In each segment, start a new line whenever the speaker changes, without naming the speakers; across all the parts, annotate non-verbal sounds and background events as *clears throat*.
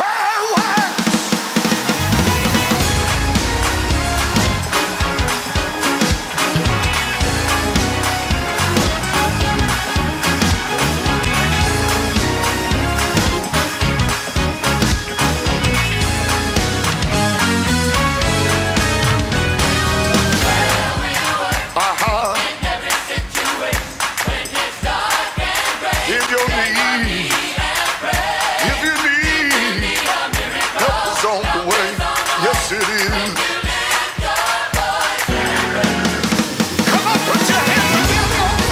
Aha, if you need, if you need, help is on the way. Yes, it is. Come on, put your hands together.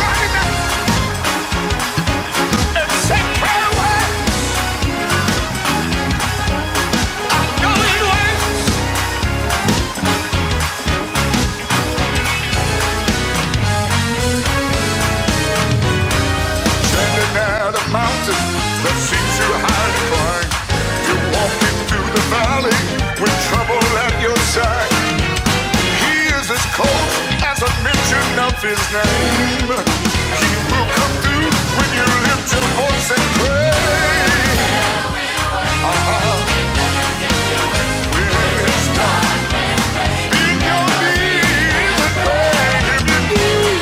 Standing at a mountain that seems too high to climb. You're walking through the valley with trouble at your side. He is as cold as a mention of his name. He will come through when you lift your voice and pray. Will it stop? Oh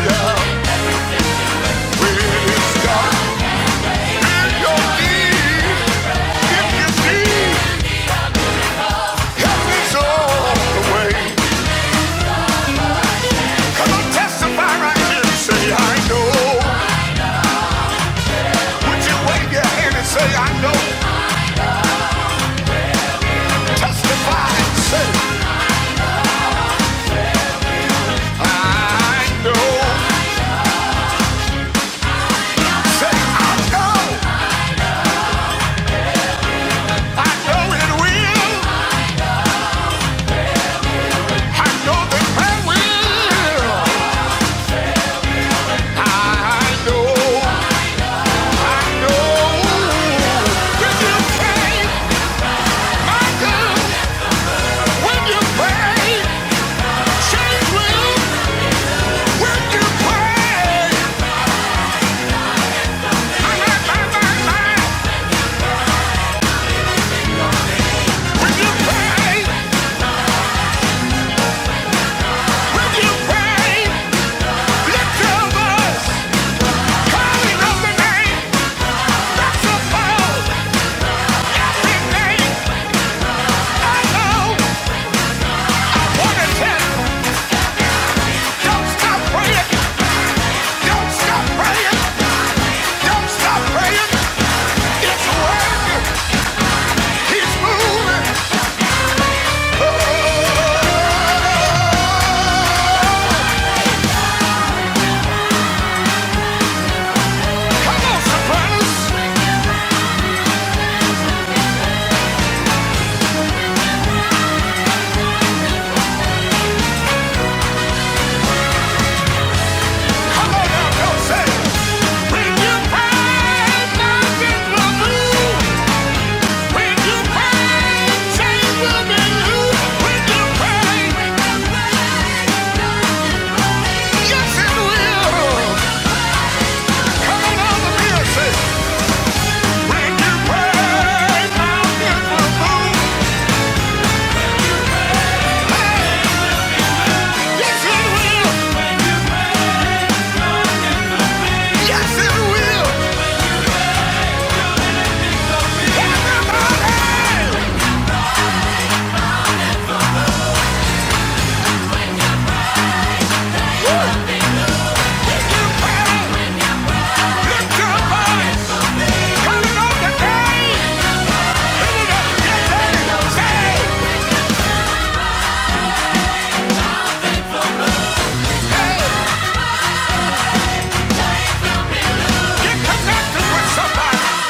yeah, we start. When you pray, Come on, Sopranos! Come on now, do Yes, it will. Get connected with somebody.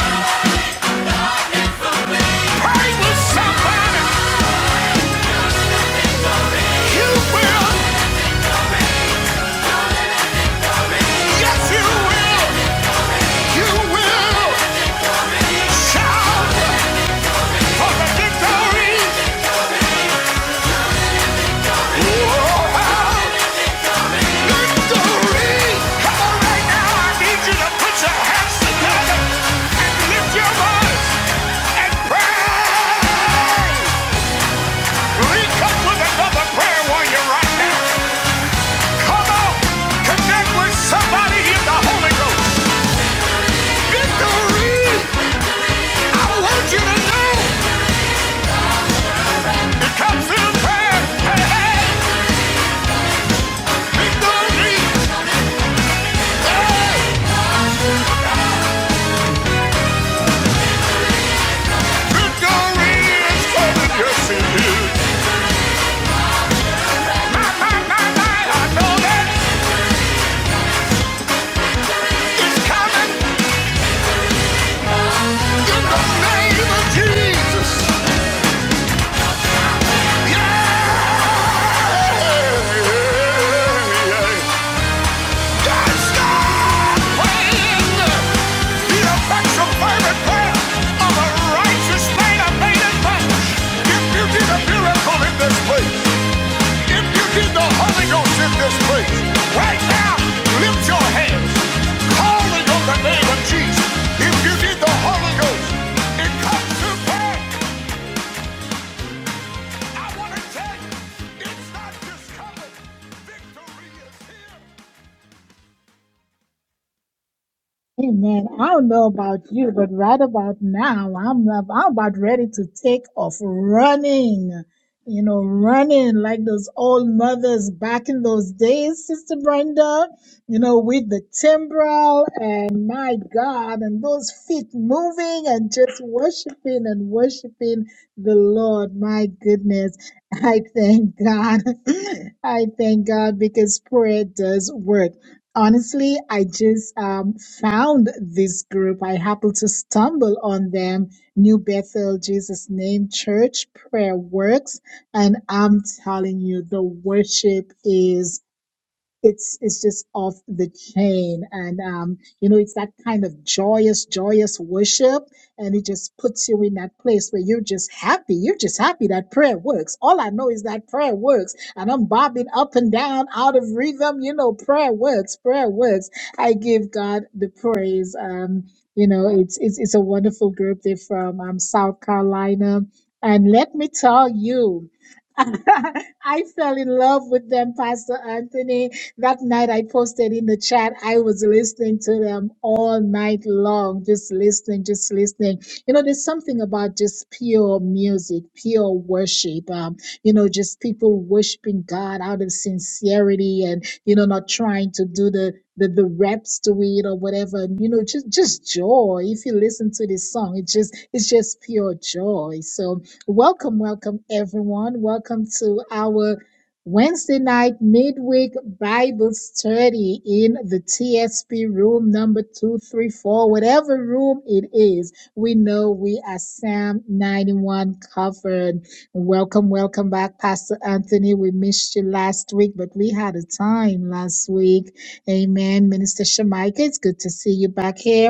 Pray with somebody. You will. Yes, you will. You will. Shout for the victory. victory. Come on right now. I need you to put your hands together and lift your voice and pray. Link up with another prayer warrior right now. Come on. Connect with somebody in the Holy Ghost. Victory. I want you to know it comes in pain. Hey, hey, victory, victory is coming. Yes, it is. My, my, my, my, I know that it's coming in the name of Jesus. Yeah, yeah, yeah. Just stop praying. The effects of fervent prayer of a righteous man are made it much. If you did a miracle in this place. If you get the Holy Ghost in this place, right now, lift your hands, calling on the name of Jesus. If you get the Holy Ghost, it comes to pass. I want to tell you, it's not discovered. Victory is here.
Amen. I don't know about you, but right about now, I'm ab- I'm about ready to take off running. You know, running like those old mothers back in those days, Sister Brenda. You know, with the timbrel and my God, and those feet moving and just worshiping and worshiping the Lord. My goodness, I thank God. *laughs* I thank God because prayer does work. Honestly, I just um, found this group. I happened to stumble on them, New Bethel Jesus Name Church Prayer Works, and I'm telling you, the worship is it's it's just off the chain and um you know it's that kind of joyous joyous worship and it just puts you in that place where you're just happy you're just happy that prayer works all i know is that prayer works and i'm bobbing up and down out of rhythm you know prayer works prayer works i give god the praise um you know it's it's, it's a wonderful group they're from um, south carolina and let me tell you *laughs* I fell in love with them, Pastor Anthony that night I posted in the chat, I was listening to them all night long, just listening, just listening. You know, there's something about just pure music, pure worship, um, you know, just people worshiping God out of sincerity and, you know, not trying to do the the, the reps to it or whatever and you know just just joy if you listen to this song it just it's just pure joy so welcome welcome everyone welcome to our Wednesday night midweek Bible study in the TSP room number 234, whatever room it is. We know we are Psalm 91 covered. Welcome, welcome back, Pastor Anthony. We missed you last week, but we had a time last week. Amen. Minister Shemaika, it's good to see you back here.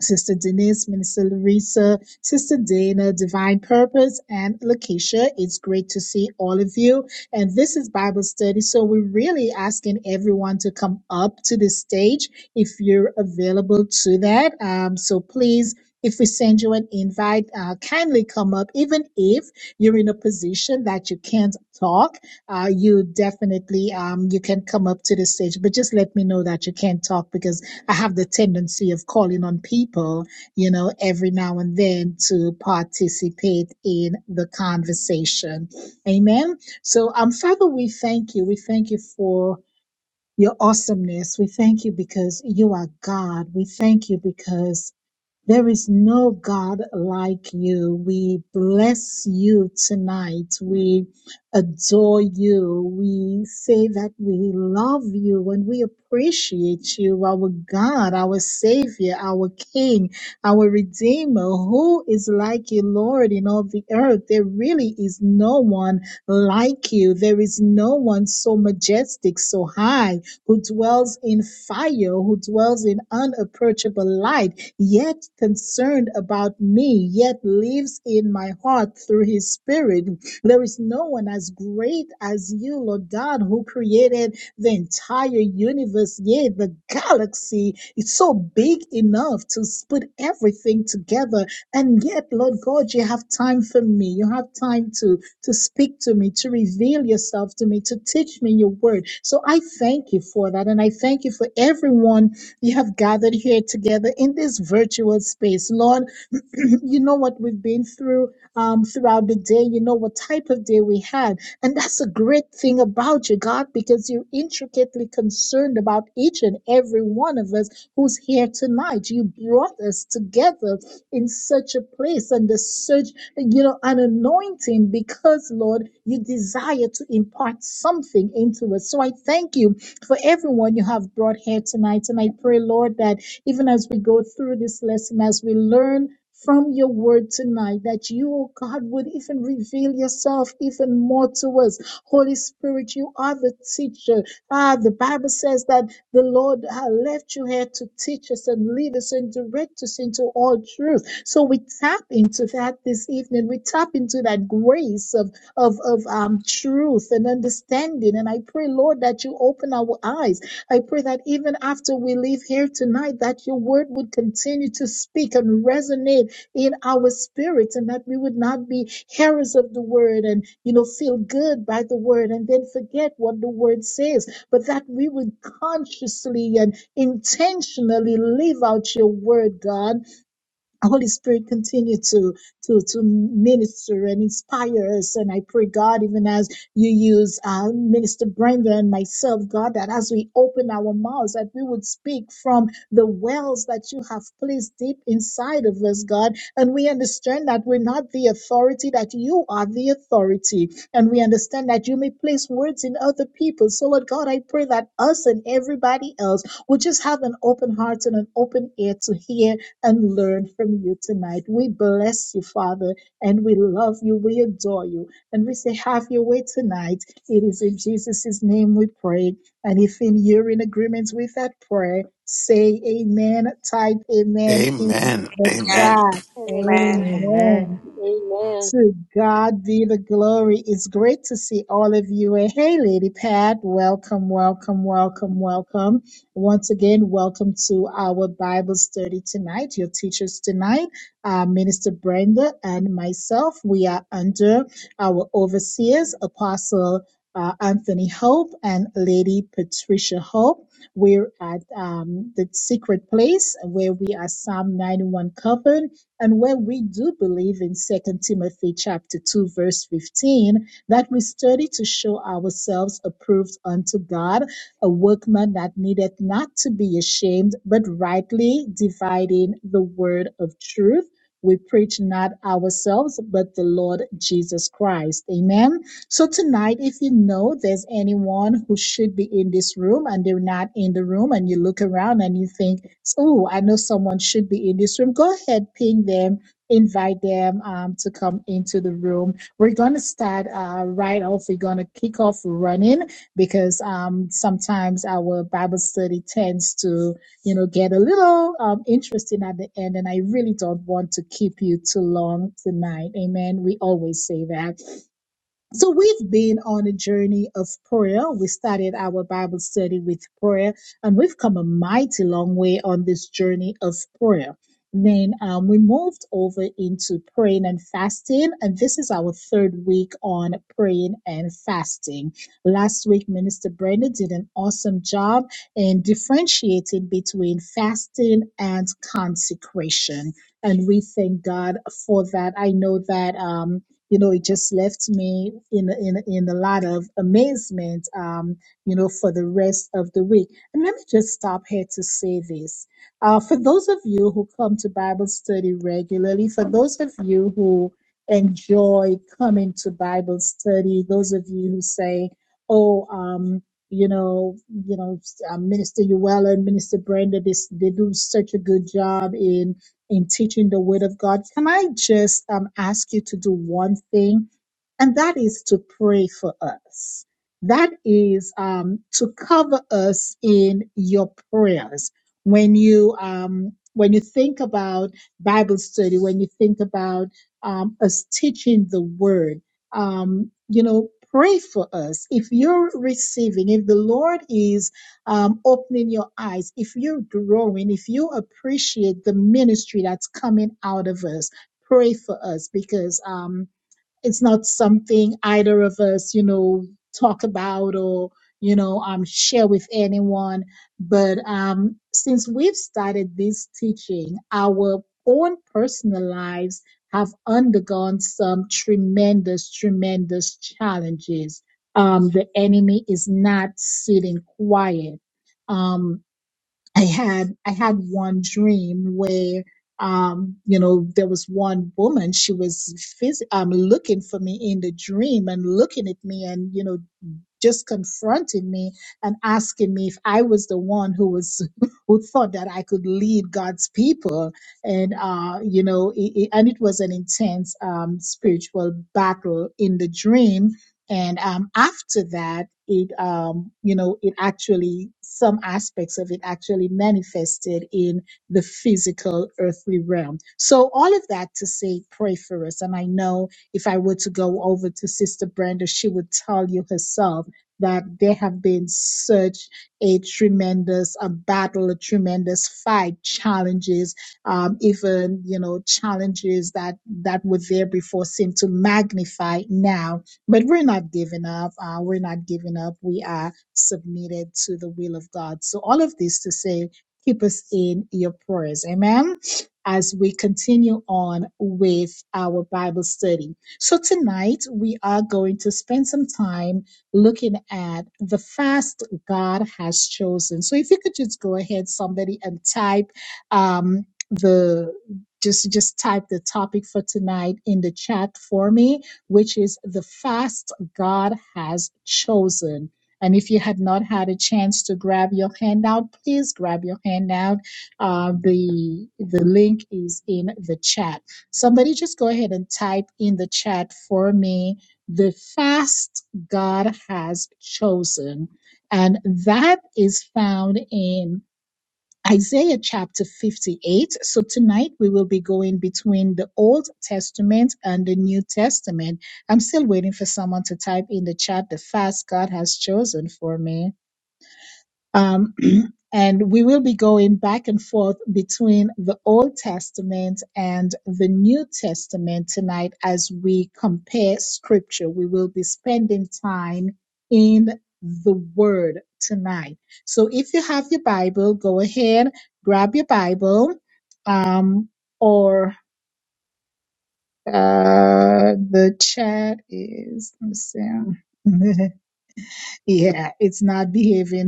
Sister Denise, Minister Larissa, Sister Dana, Divine Purpose, and Lakeisha. It's great to see all of you. And this is Bible study. So we're really asking everyone to come up to the stage if you're available to that. Um, so please, if we send you an invite, uh, kindly come up. Even if you're in a position that you can't talk, uh, you definitely um, you can come up to the stage. But just let me know that you can't talk because I have the tendency of calling on people, you know, every now and then to participate in the conversation. Amen. So, um, Father, we thank you. We thank you for your awesomeness. We thank you because you are God. We thank you because there is no God like you. We bless you tonight. We adore you. We say that we love you and we appreciate you, our God, our Savior, our King, our Redeemer. Who is like you, Lord, in all the earth? There really is no one like you. There is no one so majestic, so high who dwells in fire, who dwells in unapproachable light, yet concerned about me, yet lives in my heart through his spirit. There is no one as great as you, Lord God, who created the entire universe, yea, the galaxy. It's so big enough to put everything together. And yet, Lord God, you have time for me. You have time to to speak to me, to reveal yourself to me, to teach me your word. So I thank you for that. And I thank you for everyone you have gathered here together in this virtual space. Lord, *clears throat* you know what we've been through um, throughout the day. You know what type of day we had. And that's a great thing about you, God, because you're intricately concerned about each and every one of us who's here tonight. You brought us together in such a place under such you know, an anointing because, Lord, you desire to impart something into us. So I thank you for everyone you have brought here tonight. And I pray, Lord, that even as we go through this lesson, as we learn from your word tonight, that you, oh God, would even reveal yourself even more to us. Holy Spirit, you are the teacher. Ah, the Bible says that the Lord uh, left you here to teach us and lead us and direct us into all truth. So we tap into that this evening. We tap into that grace of of of um truth and understanding. And I pray, Lord, that you open our eyes. I pray that even after we leave here tonight, that your word would continue to speak and resonate in our spirits, and that we would not be hearers of the word and you know feel good by the word and then forget what the word says, but that we would consciously and intentionally live out your word, God Holy Spirit, continue to to to minister and inspire us. And I pray, God, even as you use uh, Minister Brenda and myself, God, that as we open our mouths, that we would speak from the wells that you have placed deep inside of us, God. And we understand that we're not the authority, that you are the authority, and we understand that you may place words in other people. So, Lord God, I pray that us and everybody else will just have an open heart and an open ear to hear and learn from you tonight. We bless you, Father, and we love you. We adore you. And we say, Have your way tonight. It is in Jesus' name we pray. And if in you're in agreement with that prayer, say amen, type amen in
Amen.
the
Amen.
chat.
Amen.
Amen.
Amen.
Amen.
Amen.
To God be the glory. It's great to see all of you. And hey, Lady Pat, welcome, welcome, welcome, welcome. Once again, welcome to our Bible study tonight. Your teachers tonight, uh, Minister Brenda and myself, we are under our overseers, Apostle uh, Anthony Hope and Lady Patricia Hope. We're at um, the secret place where we are Psalm 91 covered and where we do believe in Second Timothy chapter 2, verse 15, that we study to show ourselves approved unto God, a workman that needeth not to be ashamed, but rightly dividing the word of truth. We preach not ourselves, but the Lord Jesus Christ. Amen. So tonight, if you know there's anyone who should be in this room and they're not in the room, and you look around and you think, oh, I know someone should be in this room, go ahead, ping them, invite them um, to come into the room. We're going to start uh, right off. We're going to kick off running because um, sometimes our Bible study tends to, you know, get a little um, interesting at the end. And I really don't want to keep you too long tonight. Amen. We always say that. So we've been on a journey of prayer. We started our Bible study with prayer, and we've come a mighty long way on this journey of prayer. Then um, we moved over into praying and fasting, and this is our third week on praying and fasting. Last week, Minister Brenda did an awesome job in differentiating between fasting and consecration, and we thank God for that. I know that. Um, you know, it just left me in in in a lot of amazement, um, you know, for the rest of the week. And let me just stop here to say this: uh, for those of you who come to Bible study regularly, for those of you who enjoy coming to Bible study, those of you who say, "Oh, um." You know, you know, uh, Minister Llewellyn, Minister Brenda, this, they do such a good job in in teaching the Word of God. Can I just um, ask you to do one thing? And that is to pray for us. That is um, to cover us in your prayers. When you um, when you think about Bible study, when you think about um, us teaching the Word, um, you know, pray for us. If you're receiving, if the Lord is um, opening your eyes, if you're growing, if you appreciate the ministry that's coming out of us, pray for us because. Um, it's not something either of us, you know, talk about or, you know, um, share with anyone. But um, since we've started this teaching, our own personal lives have undergone some tremendous, tremendous challenges. Um, the enemy is not sitting quiet. Um, I had I had one dream where um you know there was one woman she was phys- um looking for me in the dream and looking at me and you know just confronting me and asking me if I was the one who was *laughs* who thought that I could lead God's people, and uh, you know, it, it- and it was an intense um, spiritual battle in the dream. And um, after that, it um, you know, it actually some aspects of it actually manifested in the physical earthly realm. So all of that to say, pray for us. And I know if I were to go over to Sister Brenda, she would tell you herself that there have been such a tremendous a battle, a tremendous fight, challenges, um, even you know challenges that that were there before seem to magnify now. But we're not giving up. Uh, we're not giving up. We are submitted to the will of God. So all of this to say, keep us in your prayers. Amen. As we continue on with our Bible study. So tonight we are going to spend some time looking at the fast God has chosen. So if you could just go ahead, somebody, and type um, the just just type the topic for tonight in the chat for me, which is the fast God has chosen. And if you had not had a chance to grab your handout, please grab your handout. Uh, the the link is in the chat. Somebody just go ahead and type in the chat for me the fast God has chosen. And that is found in Isaiah chapter 58. So tonight we will be going between the Old Testament and the New Testament. I'm still waiting for someone to type in the chat the fast God has chosen for me. Um, *clears throat* and we will be going back and forth between the Old Testament and the New Testament tonight as we compare scripture. We will be spending time in the Word tonight. So if you have your Bible, go ahead, grab your Bible, um, or uh, the chat is, let me see. *laughs* yeah it's not behaving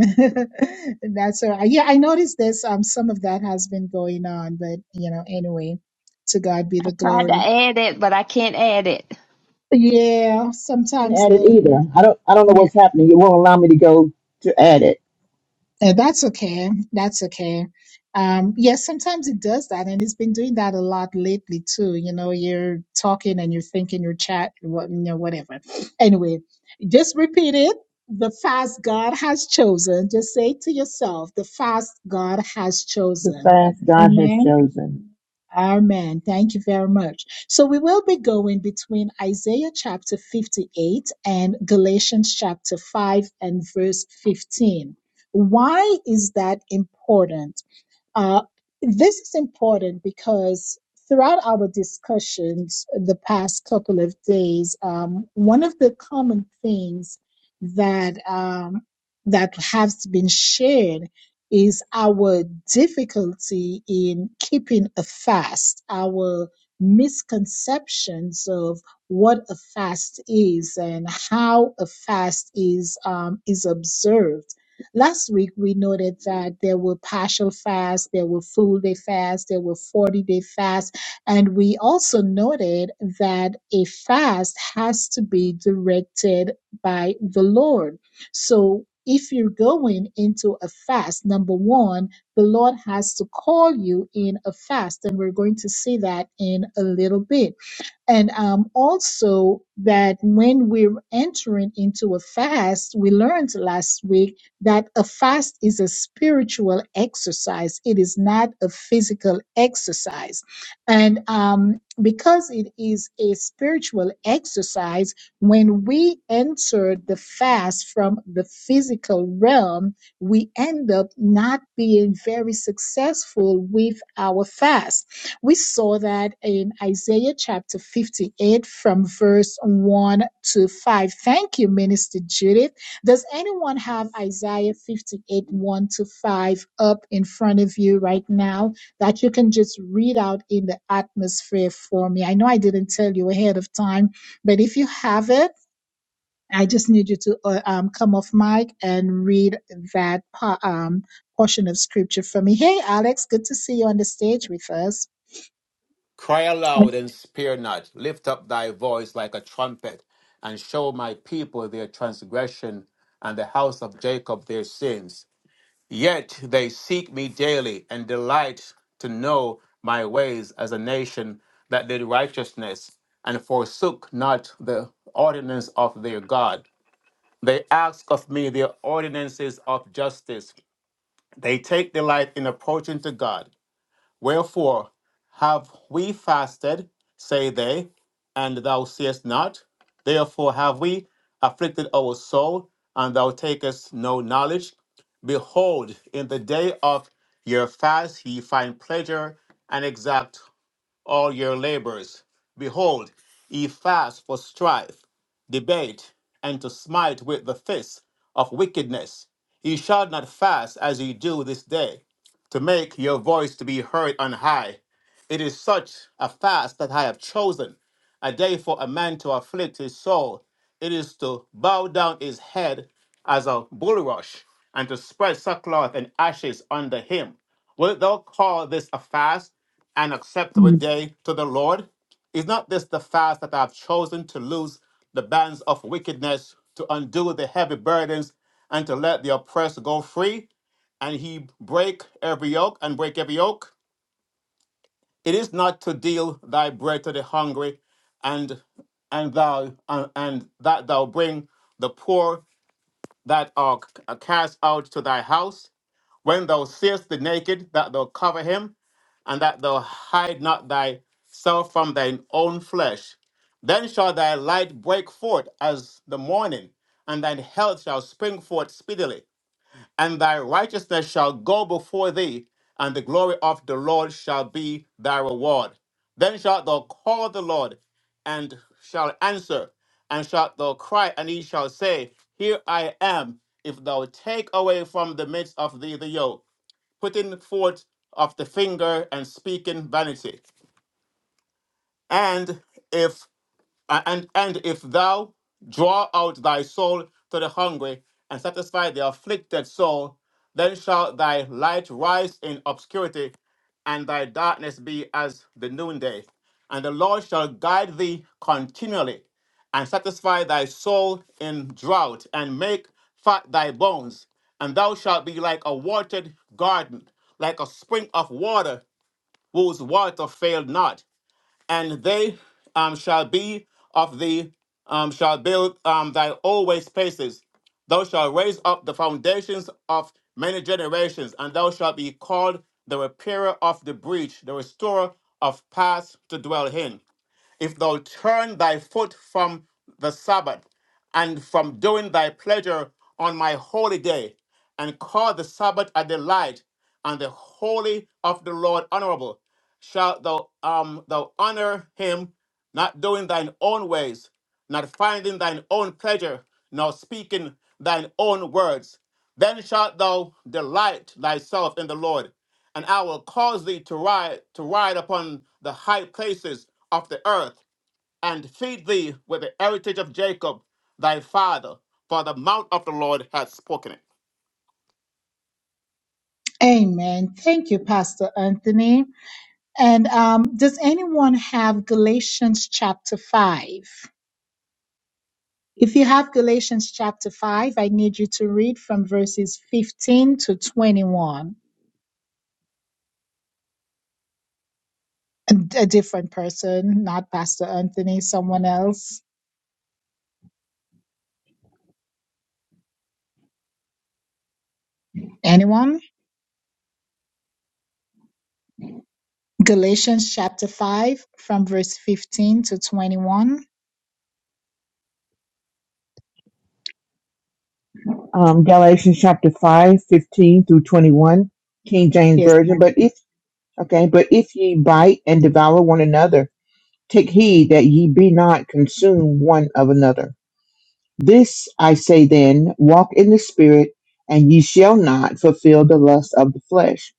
*laughs* that's all right yeah i noticed this um some of that has been going on but you know anyway to god be
I
the
tried to
glory
add it, but I can't add it.
yeah
can't
sometimes
add it
the
either. I don't I don't know what's happening. It won't allow me to go to add it.
Uh, that's okay. That's okay. Um, yes, sometimes it does that, and it's been doing that a lot lately too. You know, you're talking and you're thinking, you're chat, what, you know, whatever. Anyway, just repeat it. The fast God has chosen. Just say it to yourself, the fast God has
The
chosen.
fast God has
Amen.
chosen.
Amen. Thank you very much. So we will be going between Isaiah chapter 58 and Galatians chapter 5 and verse 15. Why is that important? Uh, this is important because throughout our discussions the past couple of days, um, one of the common things that um, that has been shared is our difficulty in keeping a fast, our misconceptions of what a fast is and how a fast is um, is observed Last week, we noted that there were partial fasts, there were full day fasts, there were 40 day fasts. And we also noted that a fast has to be directed by the Lord. So if you're going into a fast, number one, the Lord has to call you in a fast. And we're going to see that in a little bit. And um, also that when we're entering into a fast, we learned last week that a fast is a spiritual exercise. It is not a physical exercise. And um, because it is a spiritual exercise, when we enter the fast from the physical realm, we end up not being very successful with our fast we saw that in Isaiah chapter 58 from verse 1 to 5. Thank you, Minister Judith. Does anyone have Isaiah 58 1 to 5 up in front of you right now that you can just read out in the atmosphere for me? I know I didn't tell you ahead of time, but if you have it, I just need you to uh, um, come off mic and read that pa- um, portion of scripture for me. Hey, Alex, good to see you on the stage with us.
Cry aloud and spare not. Lift up thy voice like a trumpet and show my people their transgression and the house of Jacob their sins. Yet they seek me daily and delight to know my ways as a nation that did righteousness and forsook not the ordinance of their God. They ask of me their ordinances of justice. They take delight in approaching to God. Wherefore have we fasted, say they, and thou seest not? Therefore have we afflicted our soul, and thou takest no knowledge? Behold, in the day of your fast ye find pleasure and exact all your labors. Behold, ye fast for strife, debate, and to smite with the fist of wickedness. Ye shall not fast as ye do this day, to make your voice to be heard on high. It is such a fast that I have chosen, a day for a man to afflict his soul. It is to bow down his head as a bulrush, and to spread sackcloth and ashes under him. Wilt thou call this a fast? an acceptable day to the Lord? Is not this the fast that I have chosen to loose the bands of wickedness, to undo the heavy burdens, and to let the oppressed go free? And he break every yoke and break every yoke. It is not to deal thy bread to the hungry, and and thou and, and that thou bring the poor that are uh, cast out to thy house. When thou seest the naked, that thou cover him, and that thou hide not thyself from thine own flesh. Then shall thy light break forth as the morning, and thine health shall spring forth speedily and thy righteousness shall go before thee, and the glory of the Lord shall be thy reward. Then shalt thou call the Lord, and shall answer, and shalt thou cry, and he shall say, Here I am, if thou take away from the midst of thee the yoke, putting forth of the finger and speaking vanity. And if a- And, and if thou draw out thy soul to the hungry and satisfy the afflicted soul, then shall thy light rise in obscurity, and thy darkness be as the noonday. And the Lord shall guide thee continually, and satisfy thy soul in drought, and make fat thy bones. And thou shalt be like a watered garden, like a spring of water whose water failed not and they um, shall be of thee, um, shall build um, thy always spaces. Thou shalt raise up the foundations of many generations, and thou shalt be called the repairer of the breach, the restorer of paths to dwell in if thou turn thy foot from the Sabbath and from doing thy pleasure on my holy day, and call the Sabbath a delight, and the holy of the Lord honorable, shalt thou um thou honor him, not doing thine own ways, not finding thine own pleasure, nor speaking thine own words. Then shalt thou delight thyself in the Lord, and I will cause thee to ride to ride upon the high places of the earth, and feed thee with the heritage of Jacob thy father, for the mouth of the Lord hath spoken it.
Amen. Thank you, Pastor Anthony. And um, does anyone have Galatians chapter 5? If you have Galatians chapter 5, I need you to read from verses 15 to 21. And A different person, not Pastor Anthony, someone else. Anyone? Galatians chapter 5, from verse 15 to 21.
Um, Galatians chapter 5, 15 through 21, King James
Yes,
Version.
ma'am.
But if, okay, but if ye bite and devour one another, take heed that ye be not consumed one of another. This I say then, walk in the spirit, and ye shall not fulfill the lust of the flesh.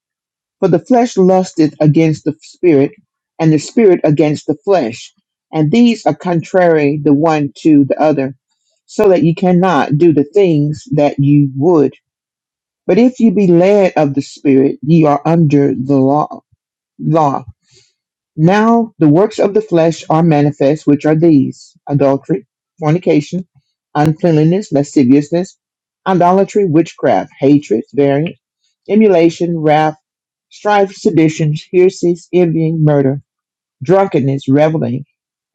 For the flesh lusteth against the spirit, and the spirit against the flesh. And these are contrary the one to the other, so that you cannot do the things that you would. But if you be led of the spirit, ye are under the law. law. Now the works of the flesh are manifest, which are these adultery, fornication, uncleanliness, lasciviousness, idolatry, witchcraft, hatred, variance emulation, wrath, strife, seditions, heresies, envying, murder, drunkenness, reveling,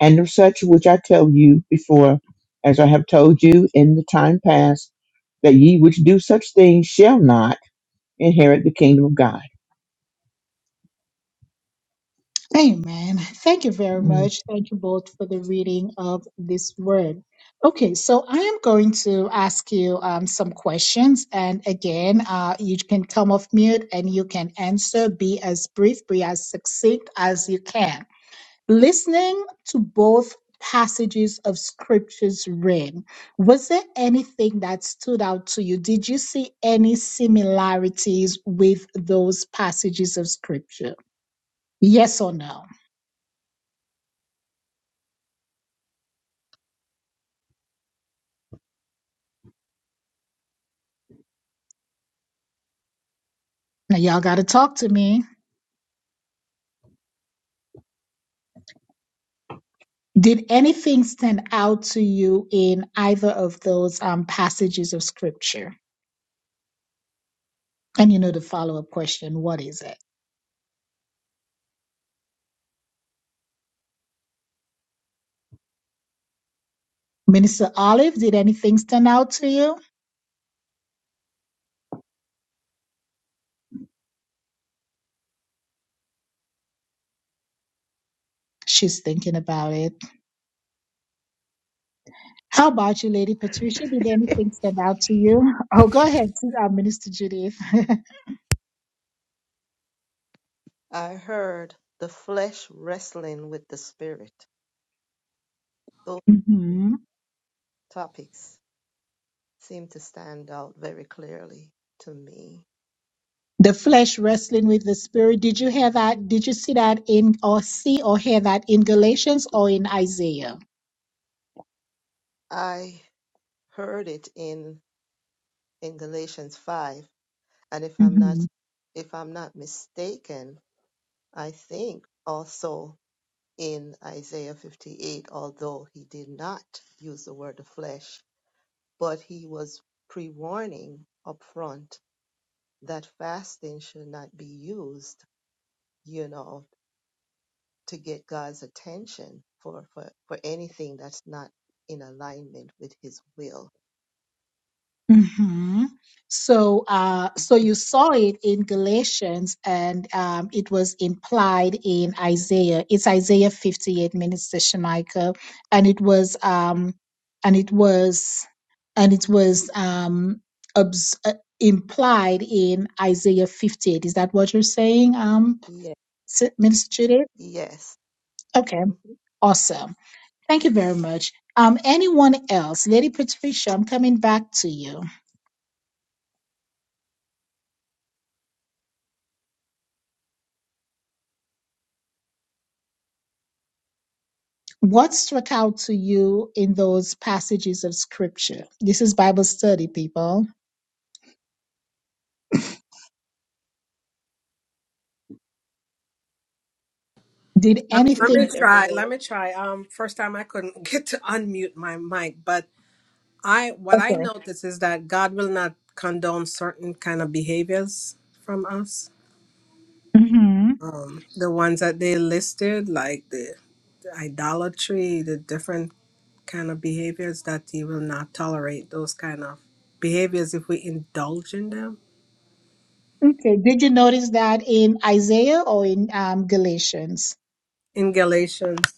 and of such which I tell you before, as I have told you in the time past, that ye which do such things shall not inherit the kingdom of God.
Amen. Thank you very
Mm.
much. Thank you both for the reading of this word. Okay, so I am going to ask you um, some questions. And again, uh, you can come off mute and you can answer. Be as brief, be as succinct as you can. Listening to both passages of scriptures read, was there anything that stood out to you? Did you see any similarities with those passages of scripture? Yes or no? Now, y'all got to talk to me. Did anything stand out to you in either of those um, passages of scripture? And you know the follow up question what is it? Minister Olive, did anything stand out to you? She's thinking about it. How about you, Lady Patricia? Did anything stand out to you? Oh, go ahead, uh, Minister Judith.
I heard the flesh wrestling with the spirit. Those
*laughs* hmm
topics seem to stand out very clearly to me.
The flesh wrestling with the spirit. Did you hear that? Did you see that in, or see, or hear that in Galatians or in Isaiah?
I heard it in in Galatians 5 and if I'm not
Mm-hmm.
if I'm not mistaken, I think also in Isaiah 58 although he did not use the word the flesh, but he was pre-warning up front that fasting should not be used you know, to get God's attention for, for, for anything that's not in alignment with his will.
hmm So, uh, so you saw it in Galatians, and um, it was implied in Isaiah. It's Isaiah 58, Minister Shemaiah, and it was, um, and it was, and it was um, obs- uh, implied in Isaiah 58. Is that what you're saying, um,
Yes.
S- Minister Judith?
Yes.
Okay,
Mm-hmm.
awesome. Thank you very much. Um, anyone else, Lady Patricia? I'm coming back to you. What struck out to you in those passages of scripture? This is Bible study, people. Did
Let
Good
let me
anything?
night,
try.
everyone.
Let me try. Um, first time I couldn't *laughs* get to unmute my mic, but I what I
Okay.
notice is that God will not condone certain kind of behaviors from us.
hmm
Um, the ones that they listed, like the, the idolatry, the different kind of behaviors that He will not tolerate. Those kind of behaviors, if we indulge in them,
Okay. Did you notice that in Isaiah or in um, Galatians?
in Galatians,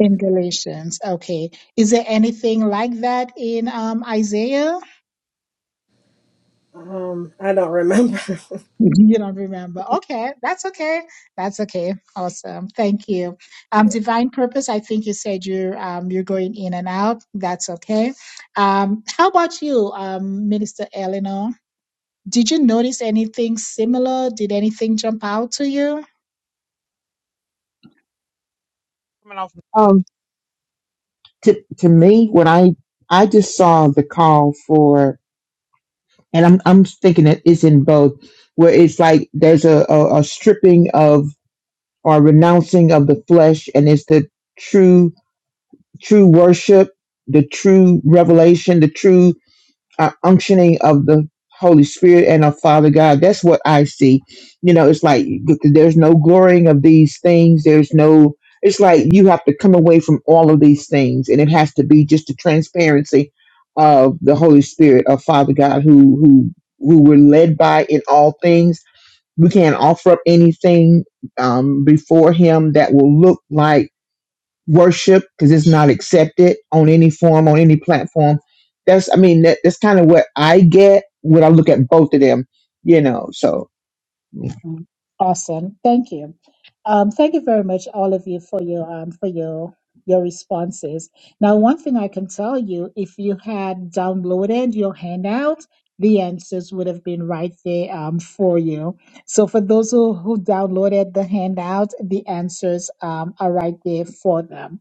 In Galatians. Okay. Is there anything like that in um, Isaiah?
um, I don't remember *laughs*
*laughs* You don't remember. Okay, that's okay. That's okay. Awesome. Thank you. Um, divine purpose. I think you said you're um you're going in and out. That's okay. Um, how about you, um, Minister Eleanor? Did you notice anything similar? Did anything jump out to you?
Coming off Um, to to me, when I I just saw the call for and I'm I'm thinking it is in both, where it's like there's a, a, a stripping of or renouncing of the flesh, and it's the true true worship, the true revelation, the true uh, unctioning of the Holy Spirit and of Father God. That's what I see. You know, it's like there's no glorying of these things. There's no, it's like you have to come away from all of these things. And it has to be just the transparency of the Holy Spirit of Father God who, who, who we're led by in all things. We can't offer up anything um, before Him that will look like worship because it's not accepted on any form on any platform that's i mean that, that's kind of what i get when i look at both of them you know so
Mm, Awesome. Thank you. Um, thank you very much, all of you, for your um, for your your responses. Now, one thing I can tell you, if you had downloaded your handout, the answers would have been right there um, for you. So, for those who, who downloaded the handout, the answers um, are right there for them.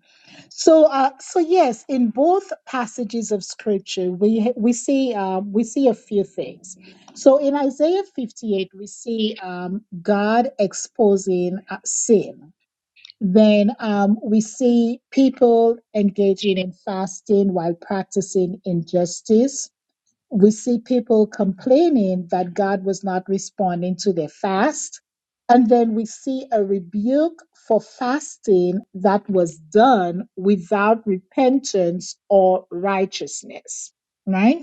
So, uh, so yes, in both passages of scripture, we we see um, we see a few things. So, in Isaiah 58, we see um, God exposing uh, sin. Then um, we see people engaging in fasting while practicing injustice we see people complaining that God was not responding to their fast. And then we see a rebuke for fasting that was done without repentance or righteousness, right?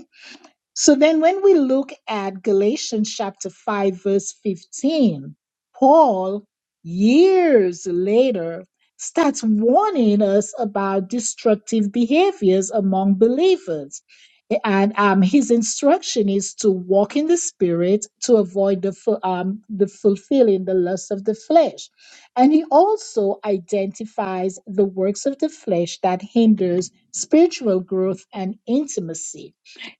So then, when we look at Galatians chapter 5, verse 15, Paul, years later, starts warning us about destructive behaviors among believers. And um, his instruction is to walk in the spirit to avoid the, fu- um, the fulfilling the lust of the flesh. And he also identifies the works of the flesh that hinders spiritual growth and intimacy.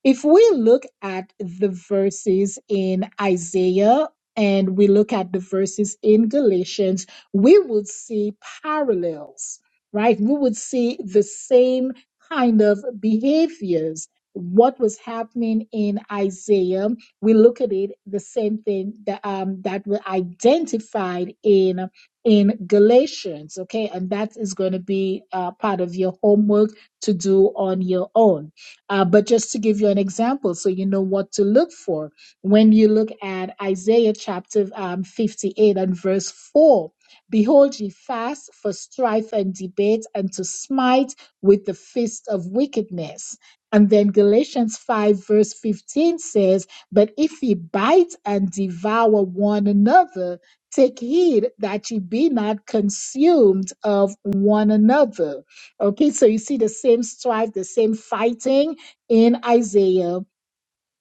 If we look at the verses in Isaiah and we look at the verses in Galatians, we would see parallels, right? We would see the same kind of behaviors. What was happening in Isaiah, we look at it the same thing that um, that were identified in in Galatians, okay, and that is going to be uh, part of your homework to do on your own. Uh, but just to give you an example, so you know what to look for, when you look at Isaiah chapter um, 58 and verse 4, behold, ye fast for strife and debate and to smite with the fist of wickedness. And then Galatians 5, verse 15 says, But if ye bite and devour one another, take heed that ye be not consumed of one another. Okay, so you see the same strife, the same fighting in Isaiah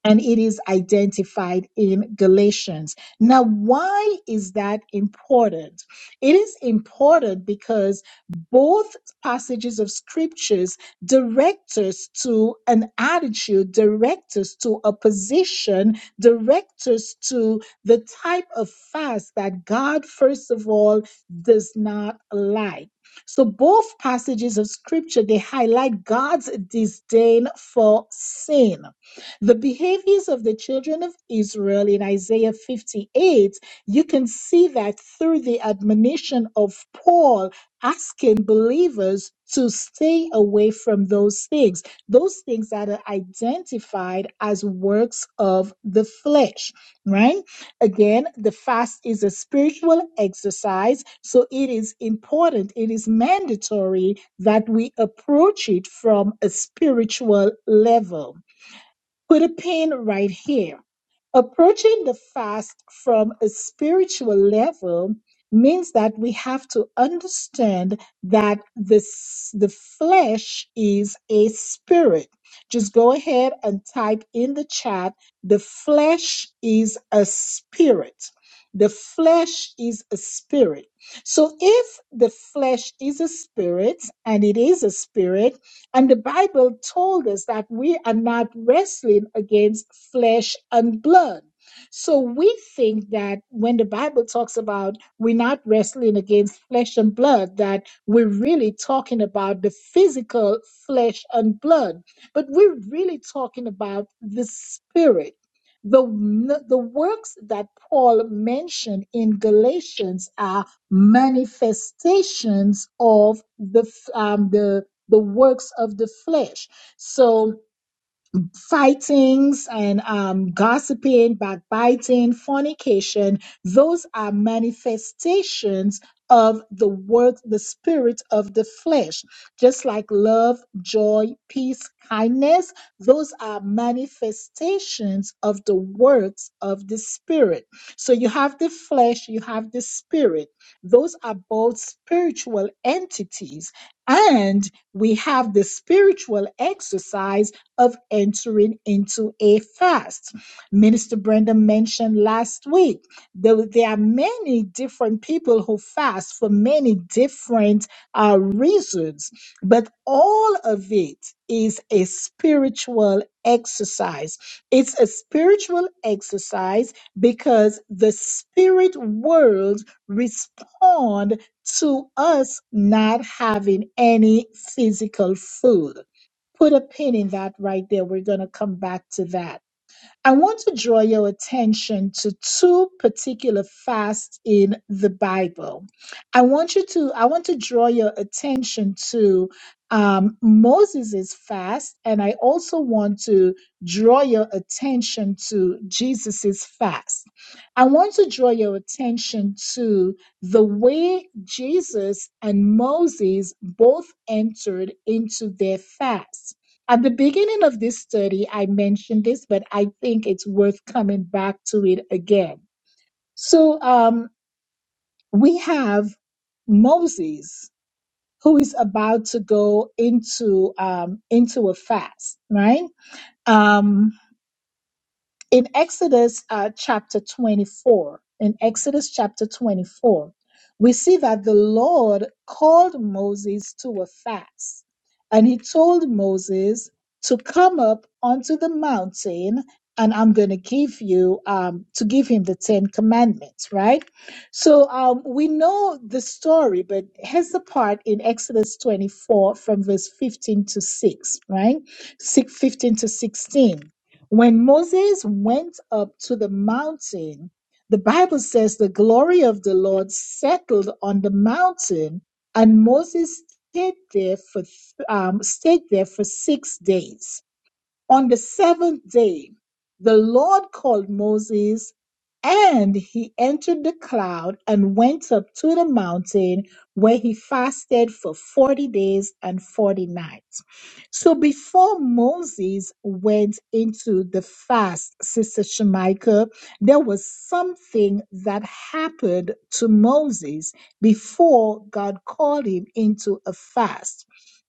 and it is identified in Galatians. Now, why is that important? It is important because both passages of scriptures direct us to an attitude, direct us to a position, direct us to the type of fast that God, first of all, does not like. So both passages of scripture they highlight God's disdain for sin the behaviors of the children of Israel in Isaiah 58, you can see that through the admonition of Paul asking believers to stay away from those things, those things that are identified as works of the flesh, right? Again, the fast is a spiritual exercise, so it is important, it is mandatory that we approach it from a spiritual level Put a pin right here. Approaching the fast from a spiritual level means that we have to understand that this, the flesh is a spirit. Just go ahead and type in the chat the flesh is a spirit. The flesh is a spirit. So if the flesh is a spirit and it is a spirit, and the Bible told us that we are not wrestling against flesh and blood. So we think that when the Bible talks about we're not wrestling against flesh and blood, that we're really talking about the physical flesh and blood, but we're really talking about the spirit. The, the works that Paul mentioned in Galatians are manifestations of the, um, the works of the flesh. So, fightings and um, gossiping, backbiting, fornication, those are manifestations of the work, the spirit of the flesh, just like love, joy, peace, kindness. Those are manifestations of the works of the spirit. So you have the flesh, you have the spirit. Those are both spiritual entities. And we have the spiritual exercise of entering into a fast. Minister Brenda mentioned last week there, there are many different people who fast for many different uh, reasons, but all of it is a spiritual exercise. It's a spiritual exercise because the spirit world respond to us not having any physical food put a pin in that right there. We're going to come back to that. I want to draw your attention to two particular fasts in the Bible. I want you to I want to draw your attention to um, Moses' fast, and I also want to draw your attention to Jesus' fast. I want to draw your attention to the way Jesus and Moses both entered into their fast. At the beginning of this study, I mentioned this, but I think it's worth coming back to it again. So um, we have Moses who is about to go into um, into a fast, right? Um, in Exodus uh, chapter 24, in Exodus chapter 24, we see that the Lord called Moses to a fast. And he told Moses to come up onto the mountain, and I'm going to give you, um, to give him the Ten Commandments, right? So um, we know the story, but here's the part in Exodus 24 from verse 15 to 6, right? Six, 15 to 16. When Moses went up to the mountain, the Bible says the glory of the Lord settled on the mountain, and Moses stayed there for th- um, stayed there for six days. On the seventh day, the Lord called Moses, and he entered the cloud and went up to the mountain where he fasted for 40 days and 40 nights. So before Moses went into the fast, Sister Shemaiah, there was something that happened to Moses before God called him into a fast.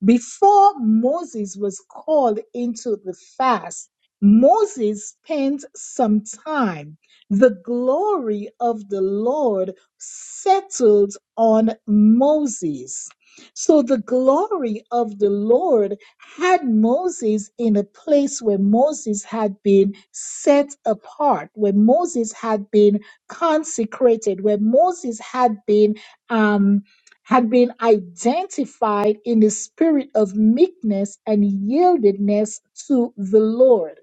Before Moses was called into the fast, Moses spent some time. The glory of the Lord settled on Moses. So the glory of the Lord had Moses in a place where Moses had been set apart, where Moses had been consecrated, where Moses had been um, had been identified in the spirit of meekness and yieldedness to the Lord.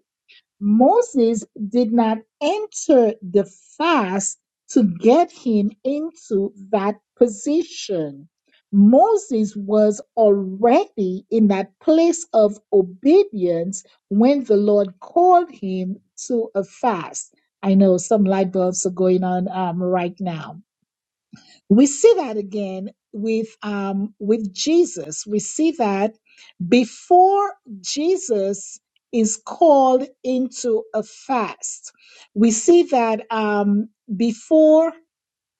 Moses did not enter the fast to get him into that position. Moses was already in that place of obedience when the Lord called him to a fast. I know some light bulbs are going on um, right now we see that again with um with jesus we see that before jesus is called into a fast we see that um before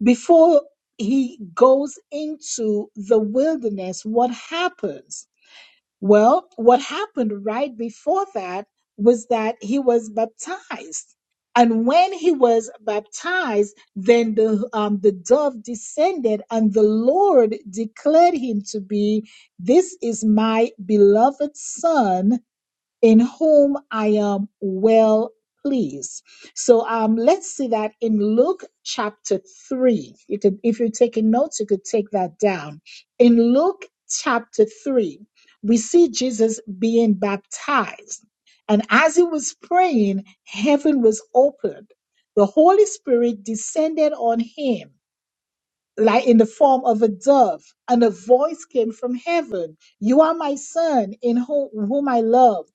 before he goes into the wilderness what happens well, what happened right before that was that he was baptized. And when he was baptized, then the, um, the dove descended, and the Lord declared him to be, This is my beloved Son in whom I am well pleased. So um, let's see that in Luke chapter 3. You could, if you're taking notes, you could take that down. In Luke chapter 3, we see Jesus being baptized. And as he was praying, heaven was opened. The Holy Spirit descended on him like in the form of a dove, and a voice came from heaven You are my son, in whom, whom I love.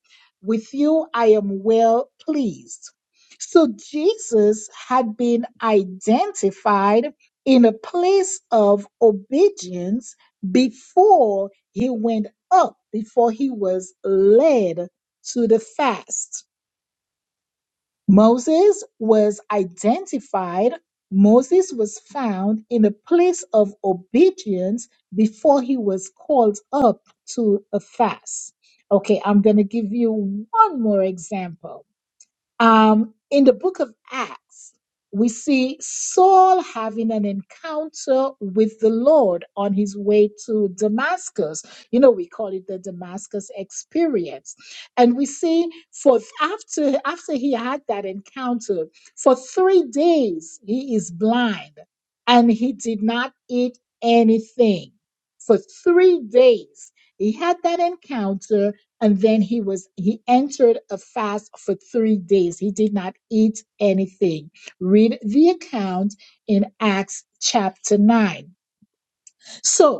With you I am well pleased. So Jesus had been identified in a place of obedience before he went up, before he was led to the fast. Moses was identified, Moses was found in a place of obedience before he was called up to a fast. Okay, I'm going to give you one more example. Um, in the book of Acts, we see Saul having an encounter with the Lord on his way to Damascus. You know, we call it the Damascus experience. And we see for after after he had that encounter, for three days he is blind and he did not eat anything. For three days he had that encounter and then he was he entered a fast for three days he did not eat anything read the account in acts chapter 9 so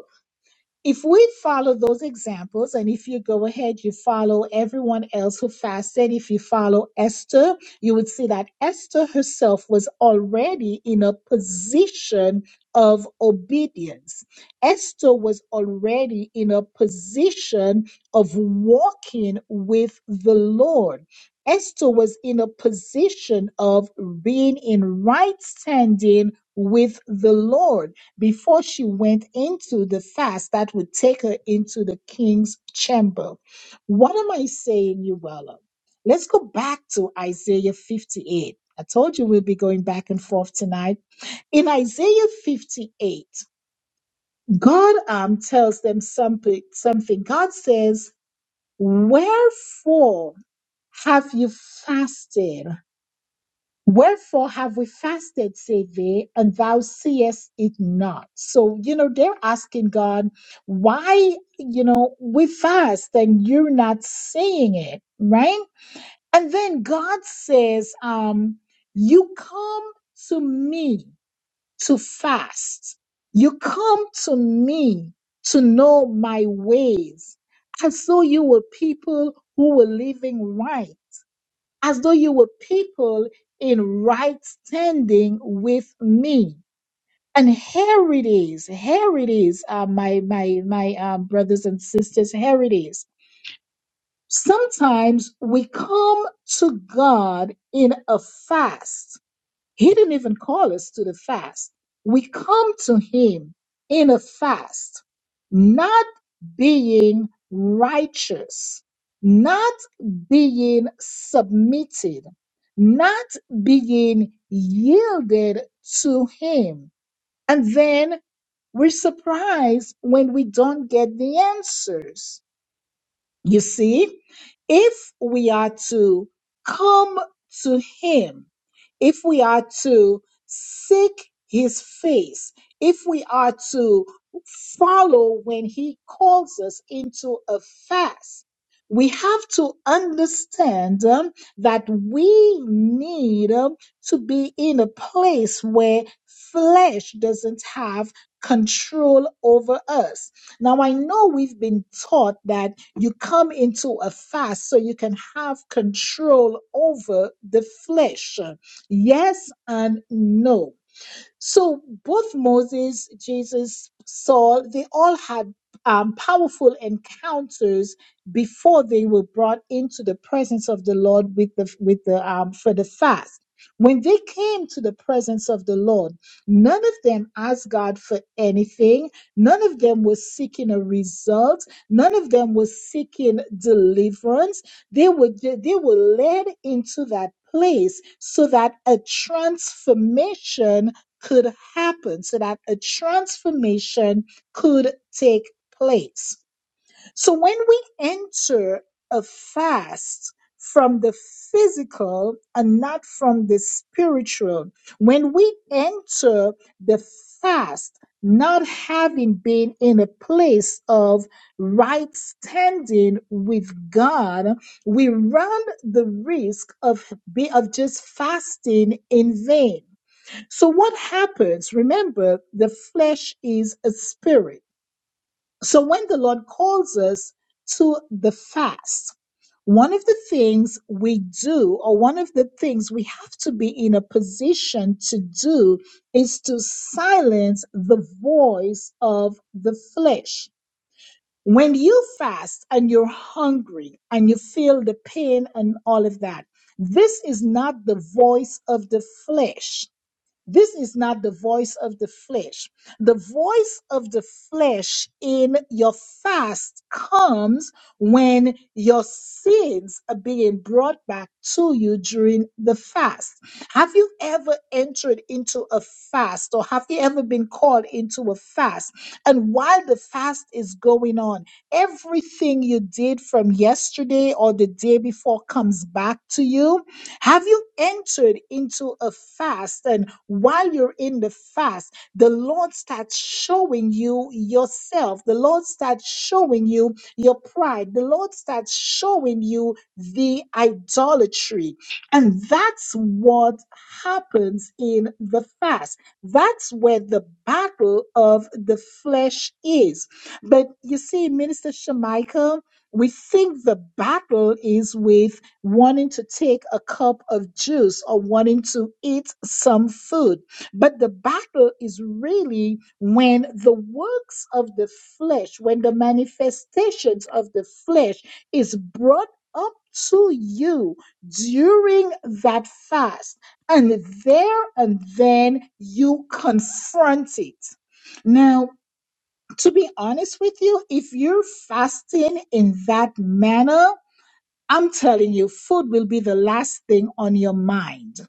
if we follow those examples, and if you go ahead, you follow everyone else who fasted, if you follow Esther, you would see that Esther herself was already in a position of obedience. Esther was already in a position of walking with the Lord. Esther was in a position of being in right standing with the Lord before she went into the fast that would take her into the king's chamber. What am I saying, you Yoruba? Let's go back to Isaiah 58. I told you we'll be going back and forth tonight. In Isaiah 58, God um, tells them something, something. God says, Wherefore have you fasted? Wherefore have we fasted, say they, and thou seest it not? So, you know, they're asking God, why, you know, we fast and you're not seeing it, right? And then God says, um, you come to me to fast. You come to me to know my ways, as though you were people who were living right as though you were people in right standing with me. And here it is, here it is, uh, my my my um, brothers and sisters, here it is. Sometimes we come to God in a fast he didn't even call us to the fast. We come to Him in a fast, not being righteous, not being submitted, not being yielded to Him. And then we're surprised when we don't get the answers. You see, if we are to come to him, if we are to seek his face, if we are to follow when he calls us into a fast, we have to understand um, that we need um, to be in a place where flesh doesn't have control over us. Now, I know we've been taught that you come into a fast so you can have control over the flesh. Yes and no. So both Moses, Jesus, Saul, they all had um, powerful encounters before they were brought into the presence of the Lord with the with the um, for the fast. When they came to the presence of the Lord, none of them asked God for anything. None of them was seeking a result. None of them was seeking deliverance. They were they they were led into that place so that a transformation could happen so that a transformation could take place. So when we enter a fast from the physical and not from the spiritual, when we enter the fast, not having been in a place of right standing with God, we run the risk of be, of just fasting in vain. So, what happens? Remember, the flesh is a spirit. So, when the Lord calls us to the fast, one of the things we do, or one of the things we have to be in a position to do, is to silence the voice of the flesh. When you fast and you're hungry and you feel the pain and all of that, this is not the voice of the flesh this is not the voice of the flesh. The voice of the flesh in your fast comes when your sins are being brought back to you during the fast. Have you ever entered into a fast or have you ever been called into a fast? And while the fast is going on, everything you did from yesterday or the day before comes back to you have you entered into a fast? And while you're in the fast, the Lord starts showing you yourself. The Lord starts showing you your pride. The Lord starts showing you the idolatry. And that's what happens in the fast. That's where the battle of the flesh is. But you see, Minister Shemaika, we think the battle is with wanting to take a cup of juice or wanting to eat some food. But the battle is really when the works of the flesh, when the manifestations of the flesh is brought up to you during that fast. And there and then you confront it. Now, to be honest with you, if you're fasting in that manner, I'm telling you, food will be the last thing on your mind.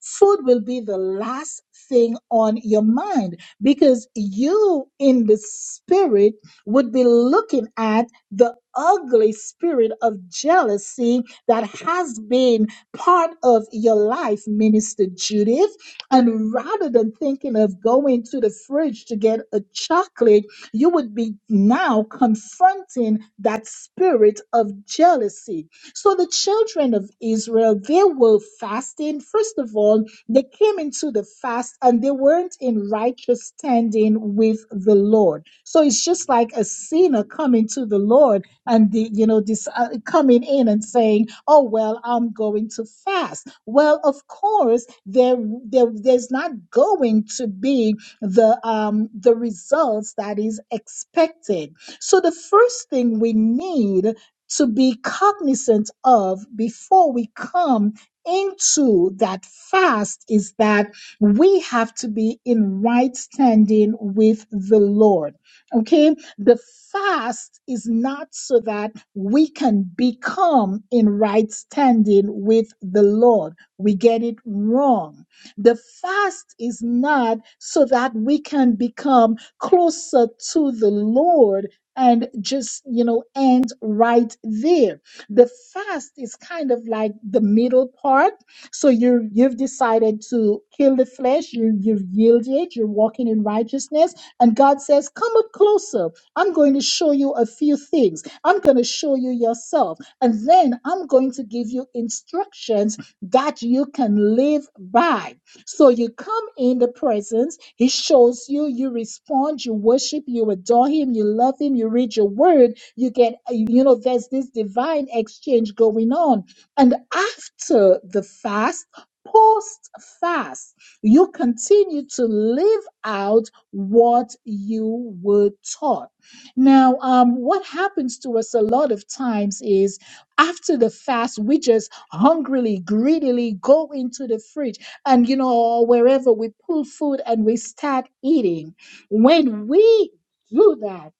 Food will be the last thing on your mind because you in the spirit would be looking at the ugly spirit of jealousy that has been part of your life, Minister Judith. And rather than thinking of going to the fridge to get a chocolate, you would be now confronting that spirit of jealousy so the children of Israel, they were fasting. First of all, they came into the fast and they weren't in righteous standing with the Lord. So it's just like a sinner coming to the Lord and the, you know this uh, coming in and saying, "Oh well, I'm going to fast." Well, of course, there, there there's not going to be the um the results that is expected. So the first thing we need to be cognizant of before we come into that fast is that we have to be in right standing with the Lord. Okay. The fast is not so that we can become in right standing with the Lord. We get it wrong. The fast is not so that we can become closer to the Lord and just, you know, end right there. The fast is kind of like the middle part. So you you've decided to kill the flesh, you you've yielded, you're walking in righteousness, and God says, Come up closer. I'm going to show you a few things. I'm going to show you yourself. And then I'm going to give you instructions that you can live by. So you come in the presence, He shows you, you respond, you worship, you adore Him, you love Him, you read your word, you get, you know, there's this divine exchange going on. And after the fast, post fast, you continue to live out what you were taught. Now, um, what happens to us a lot of times is after the fast, we just hungrily, greedily go into the fridge and you know wherever we pull food and we start eating when we do that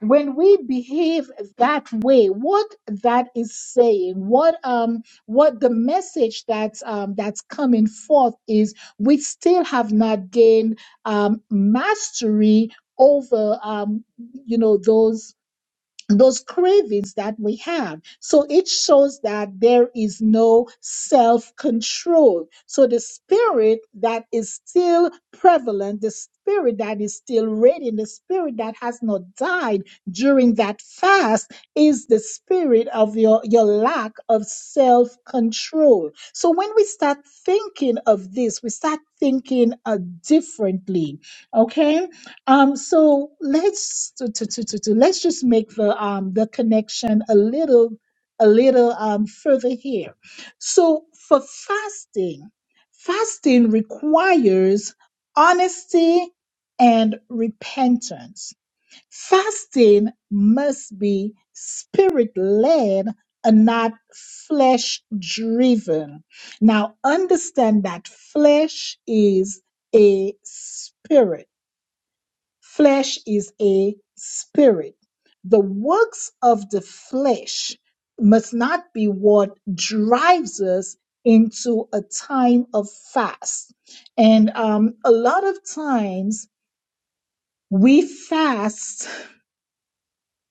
when we behave that way what that is saying what um what the message that's um that's coming forth is we still have not gained um mastery over um you know those those cravings that we have. So it shows that there is no self control. So the spirit that is still prevalent, the spirit that is still radiant, the spirit that has not died during that fast is the spirit of your, your lack of self control. So when we start thinking of this, we start thinking uh, differently. Okay um, so let's to, to, to, to, to- let's just make the um, the connection a little a little um, further here. So for fasting, fasting requires honesty and repentance. Fasting must be spirit led and not flesh driven. Now understand that flesh is a spirit Flesh is a spirit. The works of the flesh must not be what drives us into a time of fast. And um, a lot of times we fast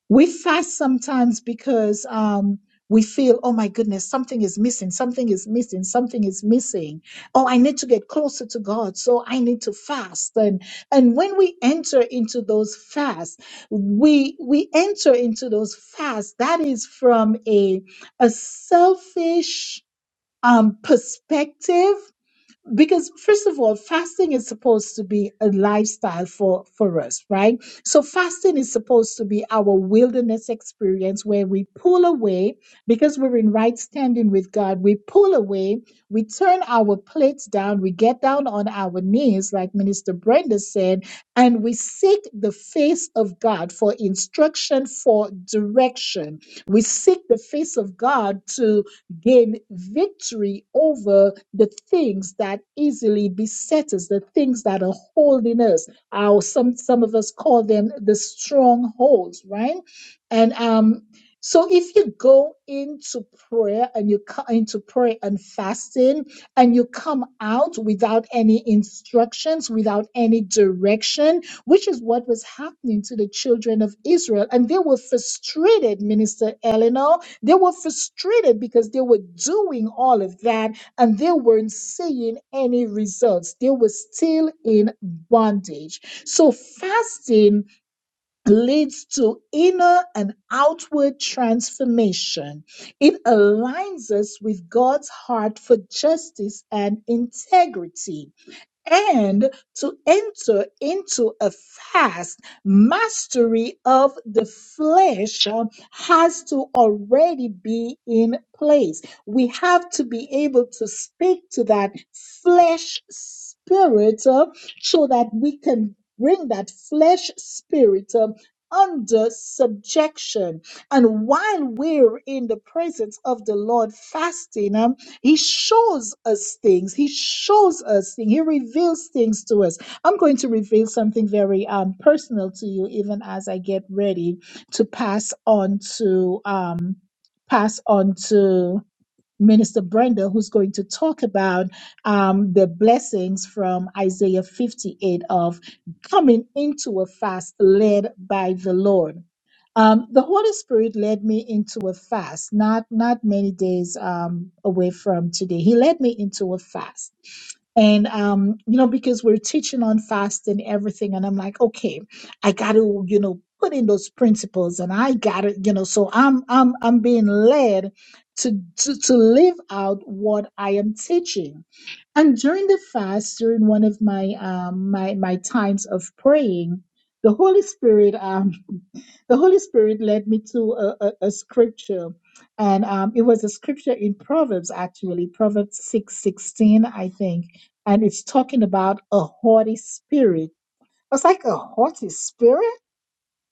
we fast sometimes because um, we feel, oh my goodness, something is missing, something is missing, something is missing. Oh, I need to get closer to God, so I need to fast. And and when we enter into those fasts, we we enter into those fasts. That is from a a selfish um, perspective because first of all fasting is supposed to be a lifestyle for for us right so fasting is supposed to be our wilderness experience where we pull away because we're in right standing with god we pull away we turn our plates down we get down on our knees like minister brenda said and we seek the face of god for instruction for direction we seek the face of god to gain victory over the things that easily beset us, the things that are holding us. Our some some of us call them the strongholds, right? And um, so if you go into prayer and you come into prayer and fasting and you come out without any instructions, without any direction, which is what was happening to the children of Israel. And they were frustrated, Minister Eleanor, they were frustrated because they were doing all of that and they weren't seeing any results. They were still in bondage. So, fasting leads to inner and outward transformation. It aligns us with God's heart for justice and integrity and to enter into a fast mastery of the flesh uh, has to already be in place. We have to be able to speak to that flesh spirit uh, so that we can bring that flesh spirit uh, under subjection. And while we're in the presence of the Lord fasting, um, he shows us things. He shows us things. He reveals things to us. I'm going to reveal something very um, personal to you, even as I get ready to pass on to um, pass on to Minister Brenda, who's going to talk about um, the blessings from Isaiah 58 of coming into a fast led by the Lord. Um, the Holy Spirit led me into a fast, not not many days um, away from today. He led me into a fast, and um, you know because we're teaching on fast and everything, and I'm like, okay, I got to you know put in those principles, and I got to you know, so I'm I'm I'm being led to, to, to live out what I am teaching. And during the fast, during one of my um my my times of praying, the Holy Spirit um *laughs* the Holy Spirit led me to a, a, a scripture, and um it was a scripture in Proverbs actually Proverbs six sixteen I think, and it's talking about a haughty spirit. I was like a haughty spirit.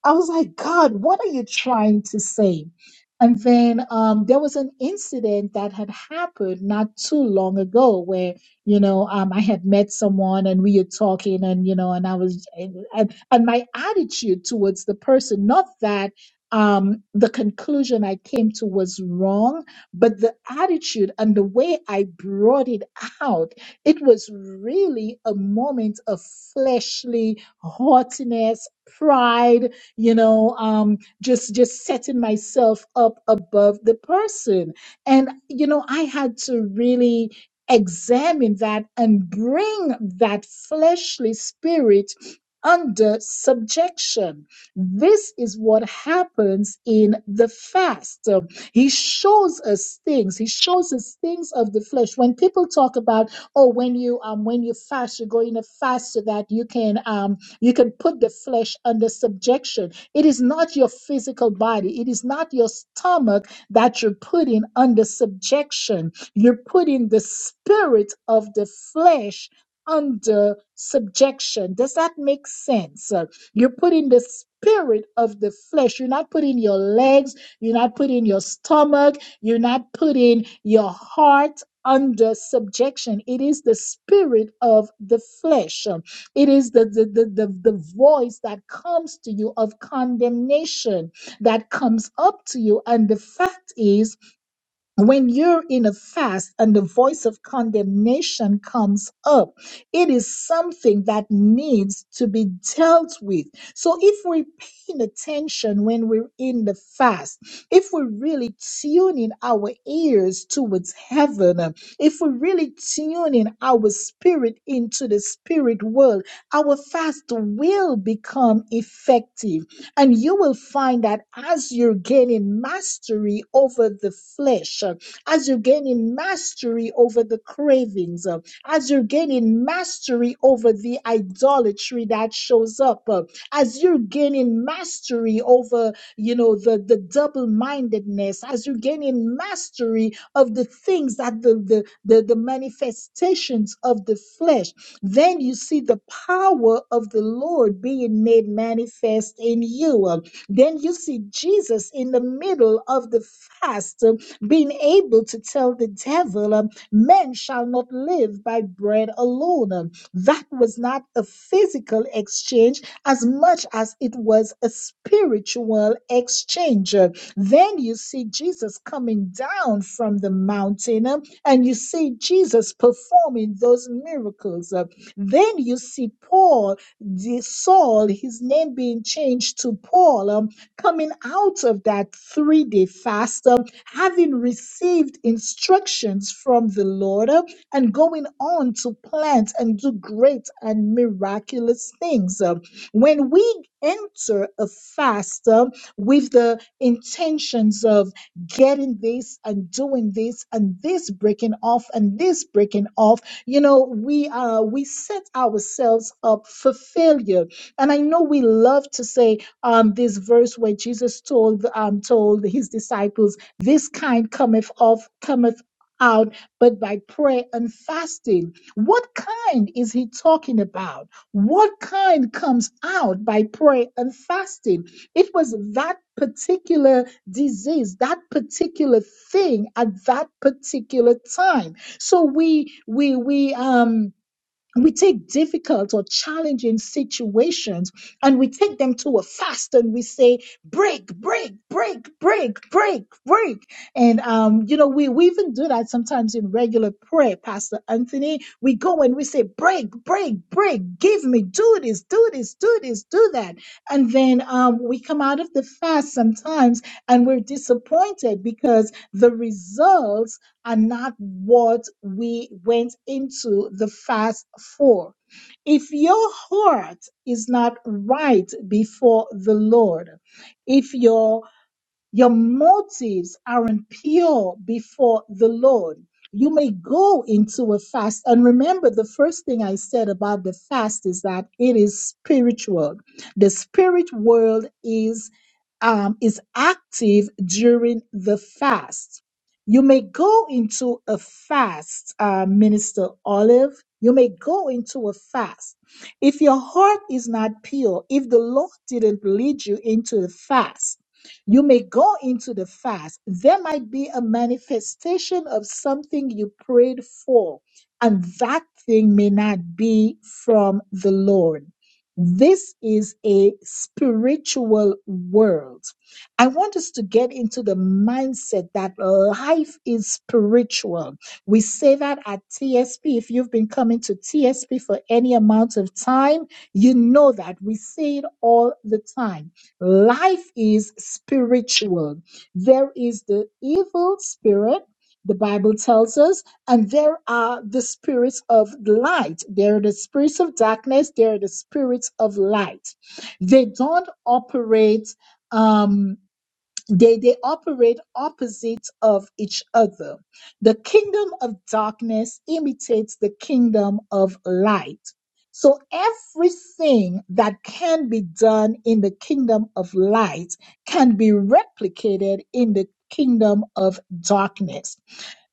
I was like, God, what are you trying to say? And then um, there was an incident that had happened not too long ago where, you know, um, I had met someone and we were talking and, you know, and I was, and, and and my attitude towards the person, not that um, the conclusion I came to was wrong, but the attitude and the way I brought it out, it was really a moment of fleshly haughtiness, pride, you know um just just setting myself up above the person and you know i had to really examine that and bring that fleshly spirit under subjection this is what happens in the fast. Um, He shows us things. He shows us things of the flesh. When people talk about, oh, when you um when you fast, you go in a fast so that you can um you can put the flesh under subjection. It is not your physical body, it is not your stomach that you're putting under subjection. You're putting the spirit of the flesh under subjection. Does that make sense? Uh, You're putting the spirit of the flesh. You're not putting your legs, you're not putting your stomach, you're not putting your heart under subjection. It is the spirit of the flesh. It is the, the, the, the, the voice that comes to you of condemnation that comes up to you. And the fact is, when you're in a fast and the voice of condemnation comes up, it is something that needs to be dealt with. So if we're paying attention when we're in the fast, if we're really tuning our ears towards heaven, uh, if we're really tuning our spirit into the spirit world, our fast will become effective and you will find that as you're gaining mastery over the flesh, uh, as you're gaining mastery over the cravings, uh, as you're gaining mastery over the idolatry that shows up, uh, as you're gaining mastery over, you know, the, the double mindedness, as you're gaining mastery of the things that the, the, the, the manifestations of the flesh, then you see the power of the Lord being made manifest in you. Um, Then you see Jesus in the middle of the fast um, being able to tell the devil, um, men shall not live by bread alone. Um, That was not a physical exchange as much as it was a spiritual exchange. Uh, Then you see Jesus coming down from the mountain um, and you see Jesus performing those miracles. Uh, then you see Paul, the Saul, his name being changed to Paul, um, coming out of that three day fast, um, having received instructions from the Lord uh, and going on to plant and do great and miraculous things. Um, when we enter a fast um, with the intentions of getting this and doing this and this breaking off and this breaking off, you know, we uh we set ourselves up for failure. And I know we love to say um this verse where Jesus told um told his disciples, this kind cometh off cometh out but by prayer and fasting. What kind is he talking about? What kind comes out by prayer and fasting? It was that particular disease, that particular thing at that particular time. So we we we um we take difficult or challenging situations and we take them to a fast and we say break break break break break break and um you know we we even do that sometimes in regular prayer pastor anthony we go and we say break break break give me do this do this do this do that and then um we come out of the fast sometimes and we're disappointed because the results are not what we went into the fast for. If your heart is not right before the Lord, if your your motives aren't pure before the Lord. You may go into a fast. And remember, the first thing I said about the fast is that it is spiritual. The spirit world is um, is active during the fast. You may go into a fast, uh, Minister Olive. You may go into a fast. If your heart is not pure, if the Lord didn't lead you into a fast, you may go into the fast. There might be a manifestation of something you prayed for, and that thing may not be from the Lord. This is a spiritual world. I want us to get into the mindset that life is spiritual. We say that at TSP. If you've been coming to TSP for any amount of time, you know that we say it all the time Life is spiritual. There is the evil spirit, the Bible tells us, and there are the spirits of light. There are the spirits of darkness, there are the spirits of light. They don't operate. Um, they they operate opposite of each other the kingdom of darkness imitates the kingdom of light so everything that can be done in the kingdom of light can be replicated in the kingdom of darkness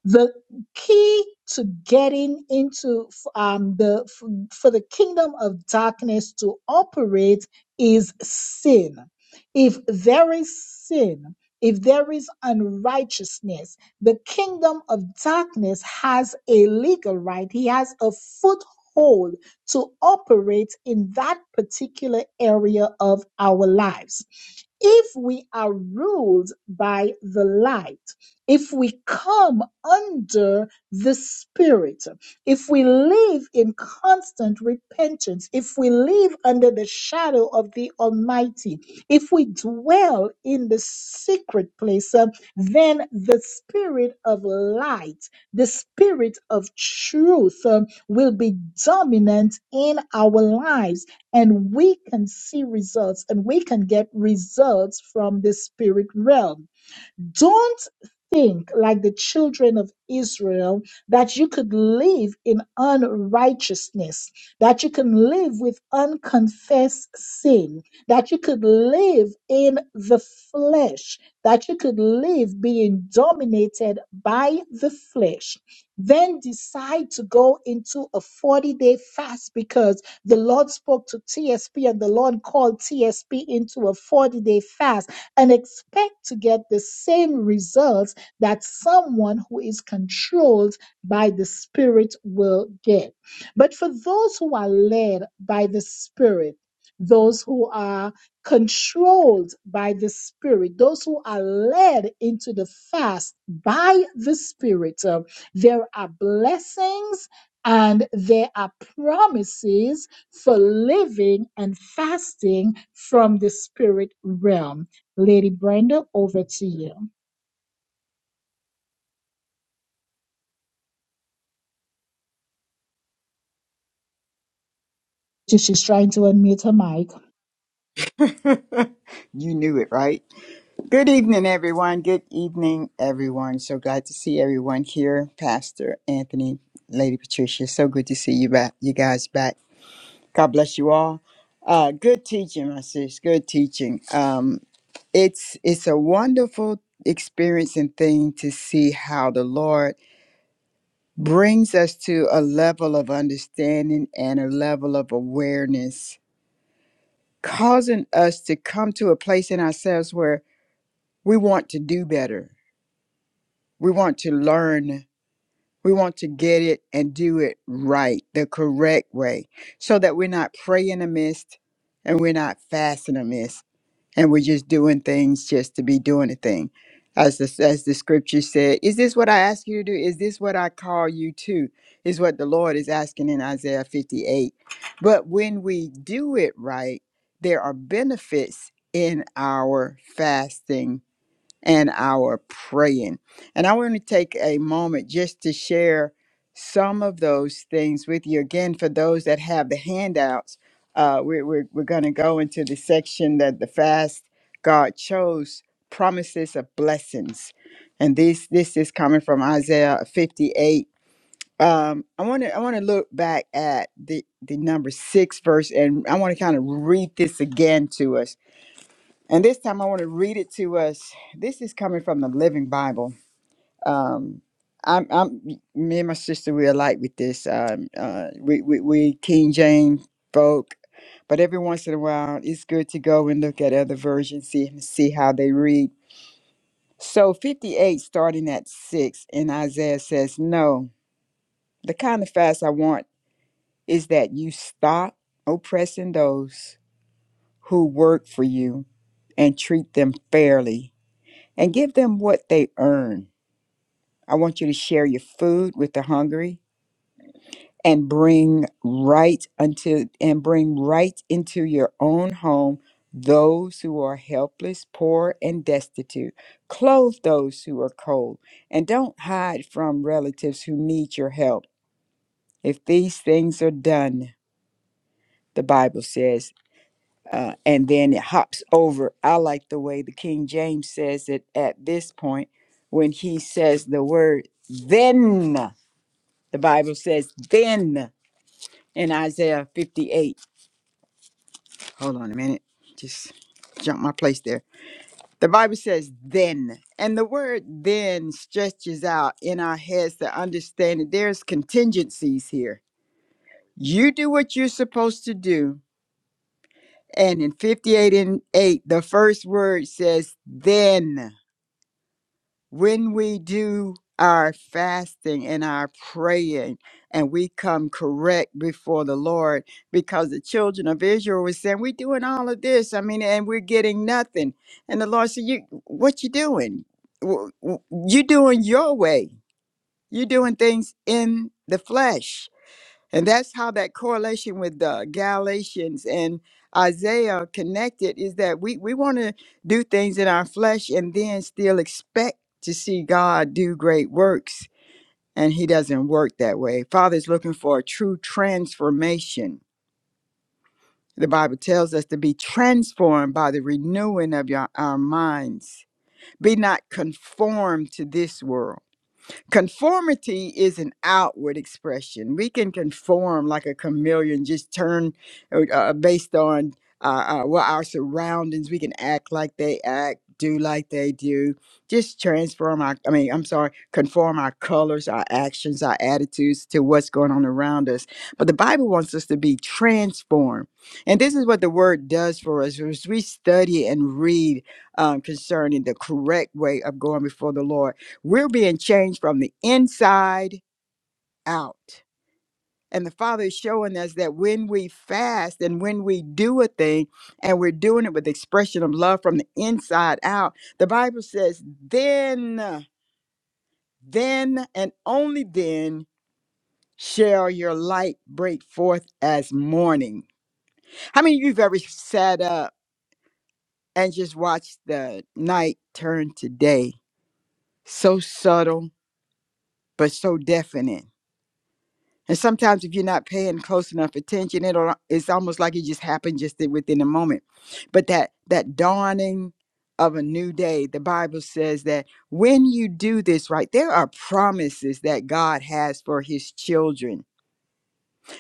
the key to getting into um, the for the kingdom of darkness to operate is sin if there is sin if there is unrighteousness the kingdom of darkness has a legal right he has a foothold to operate in that particular area of our lives if we are ruled by the light, if we come under the Spirit, if we live in constant repentance, if we live under the shadow of the Almighty, if we dwell in the secret place, uh, then the Spirit of light, the Spirit of truth uh, will be dominant in our lives and we can see results and we can get results from the spirit realm. Don't think like the children of Israel that you could live in unrighteousness, that you can live with unconfessed sin, that you could live in the flesh, that you could live being dominated by the flesh. Then decide to go into a 40 day fast because the Lord spoke to TSP and the Lord called TSP into a 40 day fast and expect to get the same results that someone who is controlled by the Spirit will get. But for those who are led by the Spirit, those who are controlled by the Spirit, those who are led into the fast by the Spirit, uh, there are blessings and there are promises for living and fasting from the spirit realm. Lady Brenda, over to you. She- She's trying to unmute her mic.
*laughs* you knew it, right? Good evening, everyone. Good evening, everyone. So glad to see everyone here, Pastor Anthony, Lady Patricia. So good to see you back, you guys back. God bless you all. Uh, good teaching, my sis. Good teaching. Um, it's it's a wonderful experience and thing to see how the Lord brings us to a level of understanding and a level of awareness, causing us to come to a place in ourselves where We want to do better. We want to learn. We want to get it and do it right, the correct way, so that we're not praying amiss and we're not fasting amiss and we're just doing things just to be doing a thing. As the, as the scripture said, is this what I ask you to do? Is this what I call you to? Is what the Lord is asking in Isaiah 58. But when we do it right, there are benefits in our fasting and our praying. And I want to take a moment just to share some of those things with you. Again, for those that have the handouts, uh, we're, we're, we're going to go into the section that the fast God chose promises of blessings. And this this is coming from Isaiah 58. Um, I want to I want to look back at the the number six verse, and I want to kind of read this again to us and this time I want to read it to us. This is coming from the Living Bible. Um, I'm, I'm, me and my sister, we are alike with this. Um, uh, we, we, we King James folk, but every once in a while, it's good to go and look at other versions, see, see how they read. So 58, starting at 6, and Isaiah says, No, the kind of fast I want is that you stop oppressing those who work for you and treat them fairly and give them what they earn. I want you to share your food with the hungry and bring right unto and bring right into your own home those who are helpless, poor, and destitute. Clothe those who are cold and don't hide from relatives who need your help. If these things are done, the Bible says, uh, and then it hops over. I like the way the King James says it at this point when he says the word then. The Bible says then in Isaiah 58. Hold on a minute. Just jump my place there. The Bible says then. And the word then stretches out in our heads to understand that there's contingencies here. You do what you're supposed to do. And in 58 and 8, the first word says then when we do our fasting and our praying and we come correct before the Lord because the children of Israel were saying, We're doing all of this. I mean, and we're getting nothing. And the Lord said, You what you doing? W- w- You doing your way. you doing things in the flesh and that's how that correlation with the Galatians and Isaiah connected is that we, we want to do things in our flesh and then still expect to see God do great works. And he doesn't work that way. Father is looking for a true transformation. The Bible tells us to be transformed by the renewing of your, our minds. Be not conformed to this world Conformity is an outward expression. We can conform like a chameleon, just turn uh, uh, based on uh, uh, well, our surroundings. We can act like they act, do like they do, just transform our, I mean, I'm sorry, conform our colors, our actions, our attitudes to what's going on around us. But the Bible wants us to be transformed. And this is what the word does for us is we study and read um, concerning the correct way of going before the Lord we're being changed from the inside out. And the Father is showing us that when we fast and when we do a thing and we're doing it with expression of love from the inside out, the Bible says, then, then, and only then shall your light break forth as morning. How many of you've ever sat up and just watched the night turn to day? So subtle, but so definite And sometimes if you're not paying close enough attention, it'll it's almost like it just happened just i- within a moment. But that that dawning of a new day, the Bible says that when you do this right, there are promises that God has for his children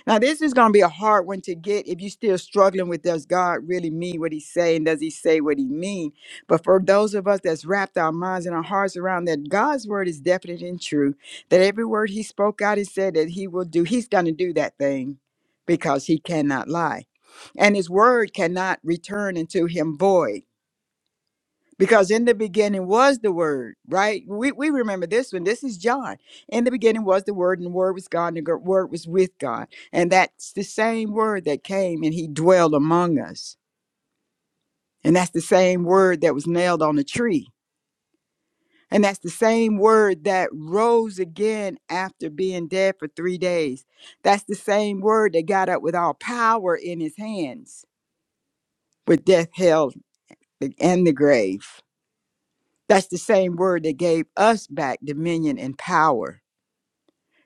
now, this is going to be a hard one to get if you're still struggling with does God really mean what he's saying? Does he say what he mean? But for those of us that's wrapped our minds and our hearts around that, God's word is definite and true, that every word he spoke out and said that he will do, he's going to do that thing because he cannot lie. And his word cannot return unto him void because in the beginning was the word right we, we remember this one this is john in the beginning was the word and the word was god and the gr- word was with god and that's the same word that came and he dwelled among us and that's the same word that was nailed on the tree and that's the same word that rose again after being dead for three days that's the same word that got up with all power in his hands with death hell and the grave That's the same word that gave us back dominion and power.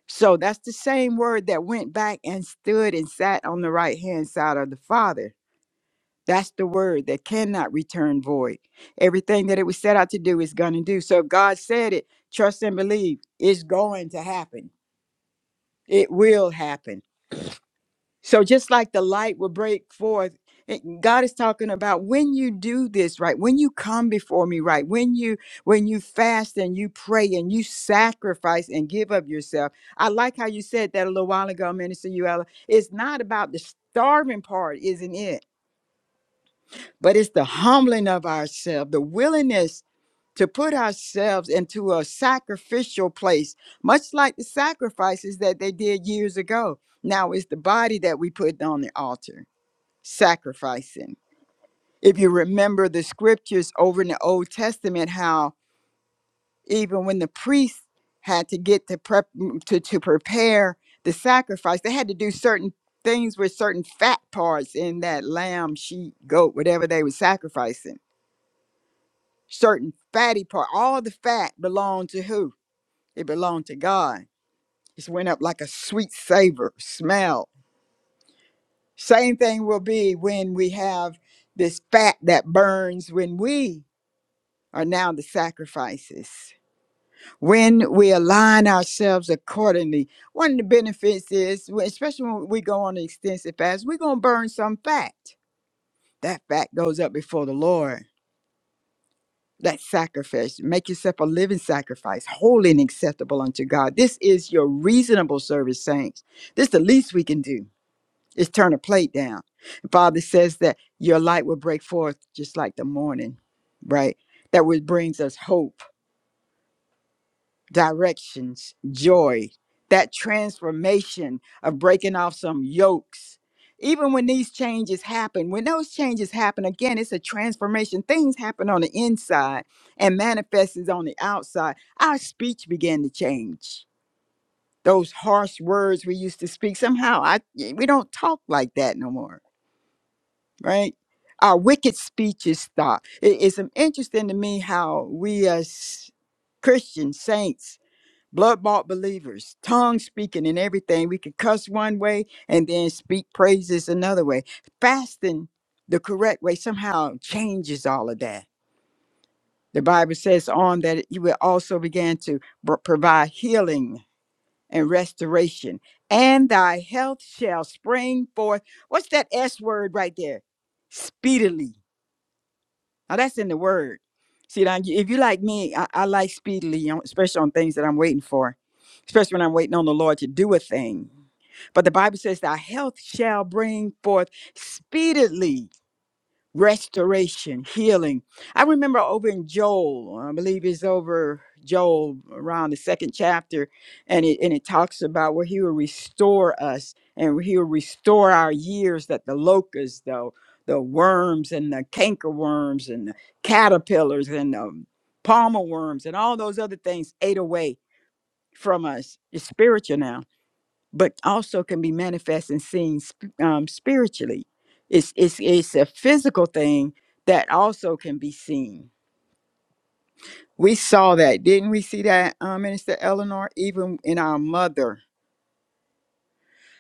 So that's the same word that went back and stood and sat on the right hand side of the Father. That's the word that cannot return void. Everything that it was set out to do is going to do. So if God said it, trust and believe, it's going to happen. It will happen. So just like the light will break forth, it- God is talking about when you do this right, when you come before me right, when you when you fast and you pray and you sacrifice and give up yourself. I like how you said that a little while ago, Minister Uella. It's not about the starving part, isn't it? But it's the humbling of ourselves, the willingness to put ourselves into a sacrificial place, much like the sacrifices that they did years ago. Now it's the body that we put on the altar sacrificing. If you remember the scriptures over in the Old Testament, how even when the priests had to get to prep mm, to, to prepare the sacrifice, they had to do certain things with certain fat parts in that lamb, sheep, goat, whatever they were sacrificing. Certain fatty part, all the fat belonged to who? It belonged to God. It went up like a sweet savor smell. Same thing will be when we have this fat that burns when we are now the sacrifices. When we align ourselves accordingly, one of the benefits is, especially when we go on an extensive fast, we're going to burn some fat. That fat goes up before the Lord. That sacrifice, make yourself a living sacrifice, holy and acceptable unto God. This is your reasonable service, saints. This is the least we can do is turn a plate down. The Father says that your light will break forth just like the morning, right? That which brings us hope directions, joy, that transformation of breaking off some yokes. Even when these changes happen, when those changes happen, again, it's a transformation. Things happen on the inside and manifests on the outside. Our speech began to change. Those harsh words we used to speak, somehow I we don't talk like that no more, right? Our wicked speeches stop. It- it's um, interesting to me how we as Christian saints blood bought believers, tongue speaking and everything. We could cuss one way and then speak praises another way. Fasting the correct way somehow changes all of that. The Bible says on that you will also begin to br- provide healing and restoration, and thy health shall spring forth. What's that S word right there? Speedily now that's in the word. See, now, if you like me, I, I like speedily, on- especially on things that I'm waiting for, especially when I'm waiting on the Lord to do a thing. But the Bible says, Thy health shall bring forth speedily restoration, healing. I remember over in Joel, I believe it's over Joel around the second chapter, and it and it talks about where he will restore us and he will restore our years that the locusts, the the worms and the canker worms and the caterpillars and the palmer worms and all those other things ate away from us. It's spiritual now but also can be manifest and seen sp- um, spiritually. It's, it's, it's a physical thing that also can be seen. We saw that, didn't we see that, um, Minister Eleanor? Even in our mother,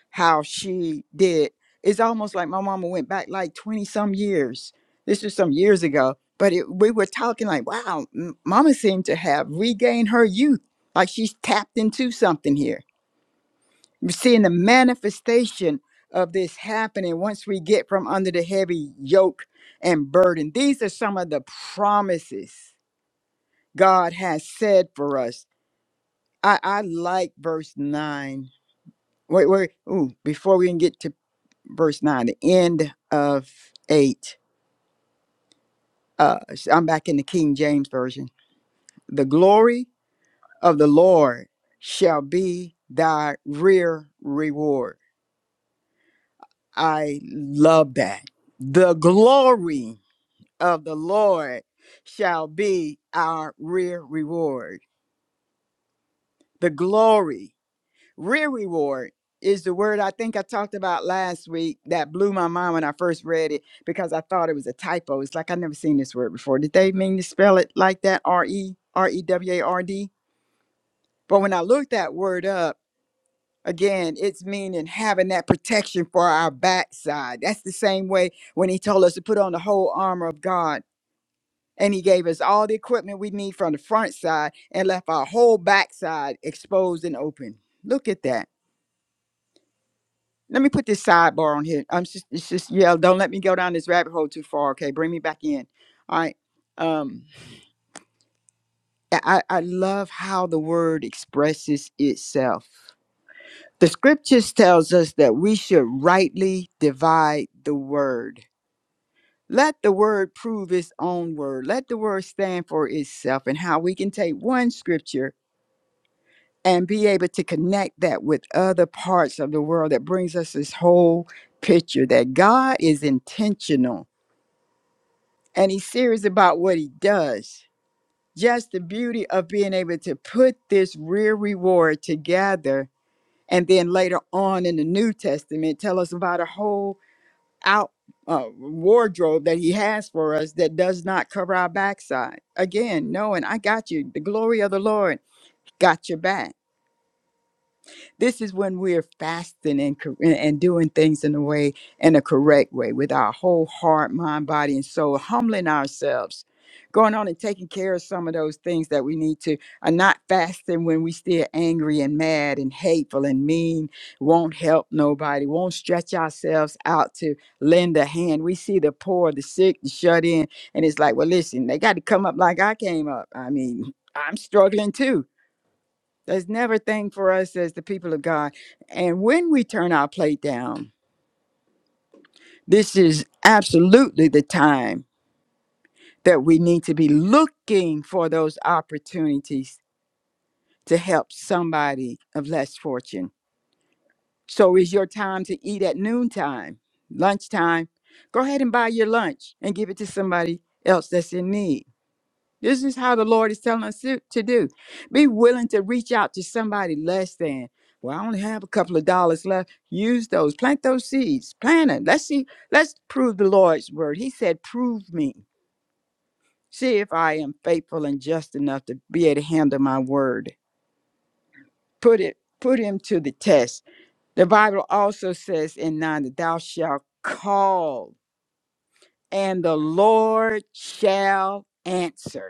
how she did. It's almost like my mama went back like 20 some years. This was some years ago, but it, we were talking like, wow, m- mama seemed to have regained her youth, like she's tapped into something here We're seeing the manifestation of this happening once we get from under the heavy yoke and burden. These are some of the promises God has said for us. I, I like verse 9. Wait, wait, ooh, before we can get to verse 9, the end of 8. Uh, s- I'm back in the King James Version. The glory of the Lord shall be thy rear reward. I love that. The glory of the Lord shall be our rear reward. The glory, rear reward is the word I think I talked about last week that blew my mind when I first read it because I thought it was a typo. It's like I never seen this word before. Did they mean to spell it like that? R E R E W A R D? But when I looked that word up, again, it's meaning having that protection for our backside. That's the same way when he told us to put on the whole armor of God and he gave us all the equipment we need from the front side and left our whole back side exposed and open. Look at that. Let me put this sidebar on here. I'm just it's just yeah, don't let me go down this rabbit hole too far. Okay, bring me back in. All right. Um I, I I love how the word expresses itself. The scriptures tells us that we should rightly divide the word. Let the word prove its own word. Let the word stand for itself and how we can take one scripture and be able to connect that with other parts of the world that brings us this whole picture that God is intentional and he's serious about what he does. Just the beauty of being able to put this real reward together and then later on in the New Testament tell us about a whole out uh, wardrobe that he has for us that does not cover our backside. Again, knowing I got you, the glory of the Lord got your back This is when we're fasting and cor- and doing things in a way in a correct way with our whole heart, mind, body, and soul, humbling ourselves, going on and taking care of some of those things that we need to. And not fasting when we still angry and mad and hateful and mean, won't help nobody, won't stretch ourselves out to lend a hand. We see the poor, the sick, the shut in, and it's like, well, listen, they got to come up like I came up. I mean, I'm struggling too there's never a thing for us as the people of God. And when we turn our plate down, this is absolutely the time that we need to be looking for those opportunities to help somebody of less fortune. So is your time to eat at noontime, lunchtime. Go ahead and buy your lunch and give it to somebody else that's in need This is how the Lord is telling us to to do. Be willing to reach out to somebody less than. Well, I only have a couple of dollars left. Use those. Plant those seeds. Plant them. Let's see. Let's prove the Lord's word. He said, "Prove me. See if I am faithful and just enough to be able to handle my word. Put it. Put him to the test." The Bible also says in nine that thou shalt call, and the Lord shall answer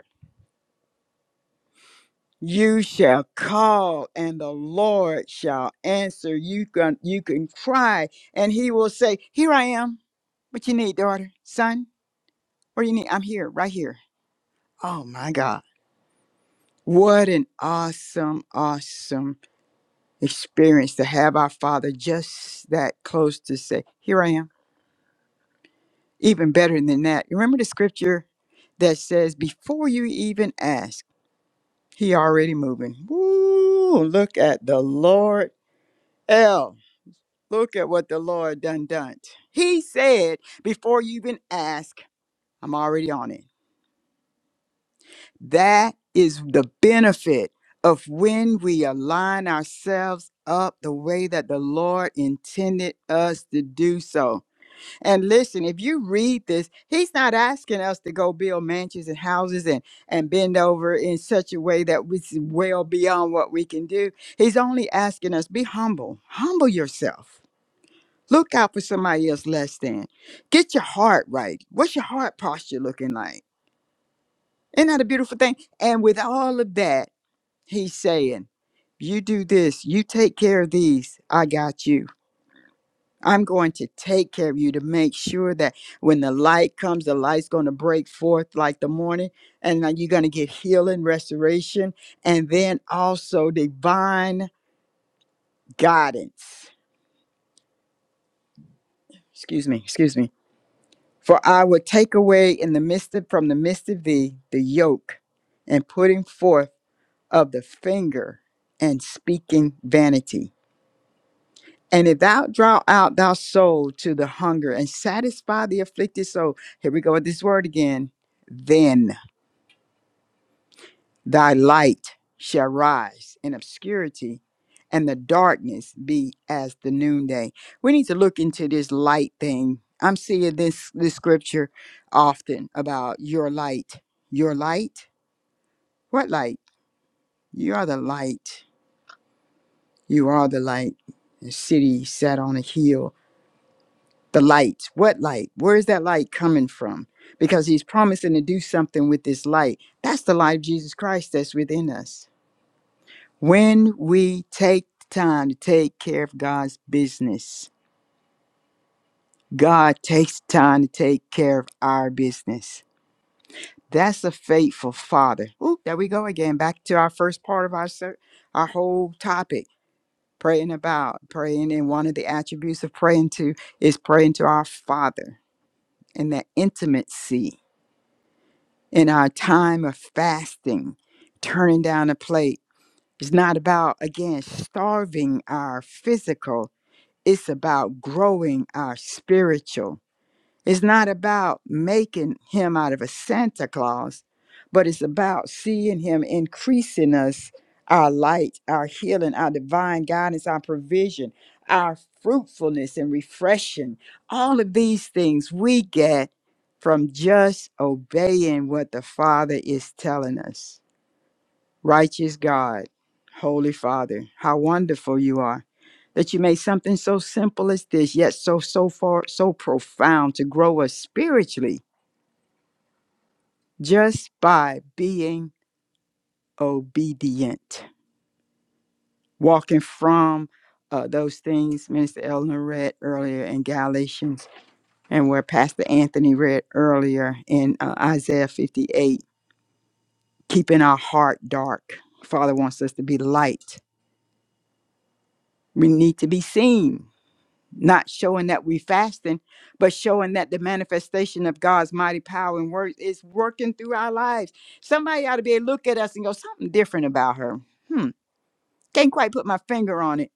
You shall call, and the Lord shall answer. You can you can cry, and He will say, "Here I am." What you need, daughter, son? What do you need? I'm here, right here. Oh my God! What an awesome, awesome experience to have our Father just that close to say, "Here I am." Even better than that, you remember the scripture that says, "Before you even ask, He already moving." Woo! Look at the Lord. El Look at what the Lord done done. He said, before you even ask, I'm already on it. That is the benefit of when we align ourselves up the way that the Lord intended us to do so. And listen, if you read this, he's not asking us to go build mansions and houses and, and bend over in such a way that it's well beyond what we can do. He's only asking us, be humble, humble yourself Look out for somebody else less than. Get your heart right. What's your heart posture looking like? Isn't that a beautiful thing? And with all of that, he's saying, You do this, you take care of these, I got you. I'm going to take care of you to make sure that when the light comes, the light's going to break forth like the morning, and then you're going to get healing, restoration, and then also divine guidance. Excuse me, excuse me For I will take away in the midst of, from the midst of thee the yoke and putting forth of the finger and speaking vanity. And if thou draw out thy soul to the hunger and satisfy the afflicted soul, here we go with this word again, then. Thy light shall rise in obscurity, and the darkness be as the noonday. We need to look into this light thing. I'm seeing this this scripture often about your light. Your light? What light? You are the light. You are the light. The city sat on a hill. The light. What light? Where is that light coming from? Because he's promising to do something with this light. That's the light of Jesus Christ that's within us When we take time to take care of God's business, God takes time to take care of our business. That's a faithful father. Ooh, there we go again. Back to our first part of our ser- our whole topic, praying about praying. And one of the attributes of praying to is praying to our Father and that intimacy in our time of fasting, turning down a plate. It's not about again starving our physical It's about growing our spiritual. It's not about making him out of a Santa Claus, but it's about seeing him increasing us our light, our healing, our divine guidance, our provision, our fruitfulness and refreshing. All of these things we get from just obeying what the Father is telling us. Righteous God, Holy Father, how wonderful you are that you made something so simple as this, yet so so far so profound to grow us spiritually just by being obedient, walking from uh, those things Minister Eleanor read earlier in Galatians, and where Pastor Anthony read earlier in uh, Isaiah 58, keeping our heart dark. Father wants us to be light. We need to be seen. not showing that we fasting, but showing that the manifestation of God's mighty power and work is working through our lives. Somebody ought to be able to look at us and go, something different about her. Hmm. Can't quite put my finger on it.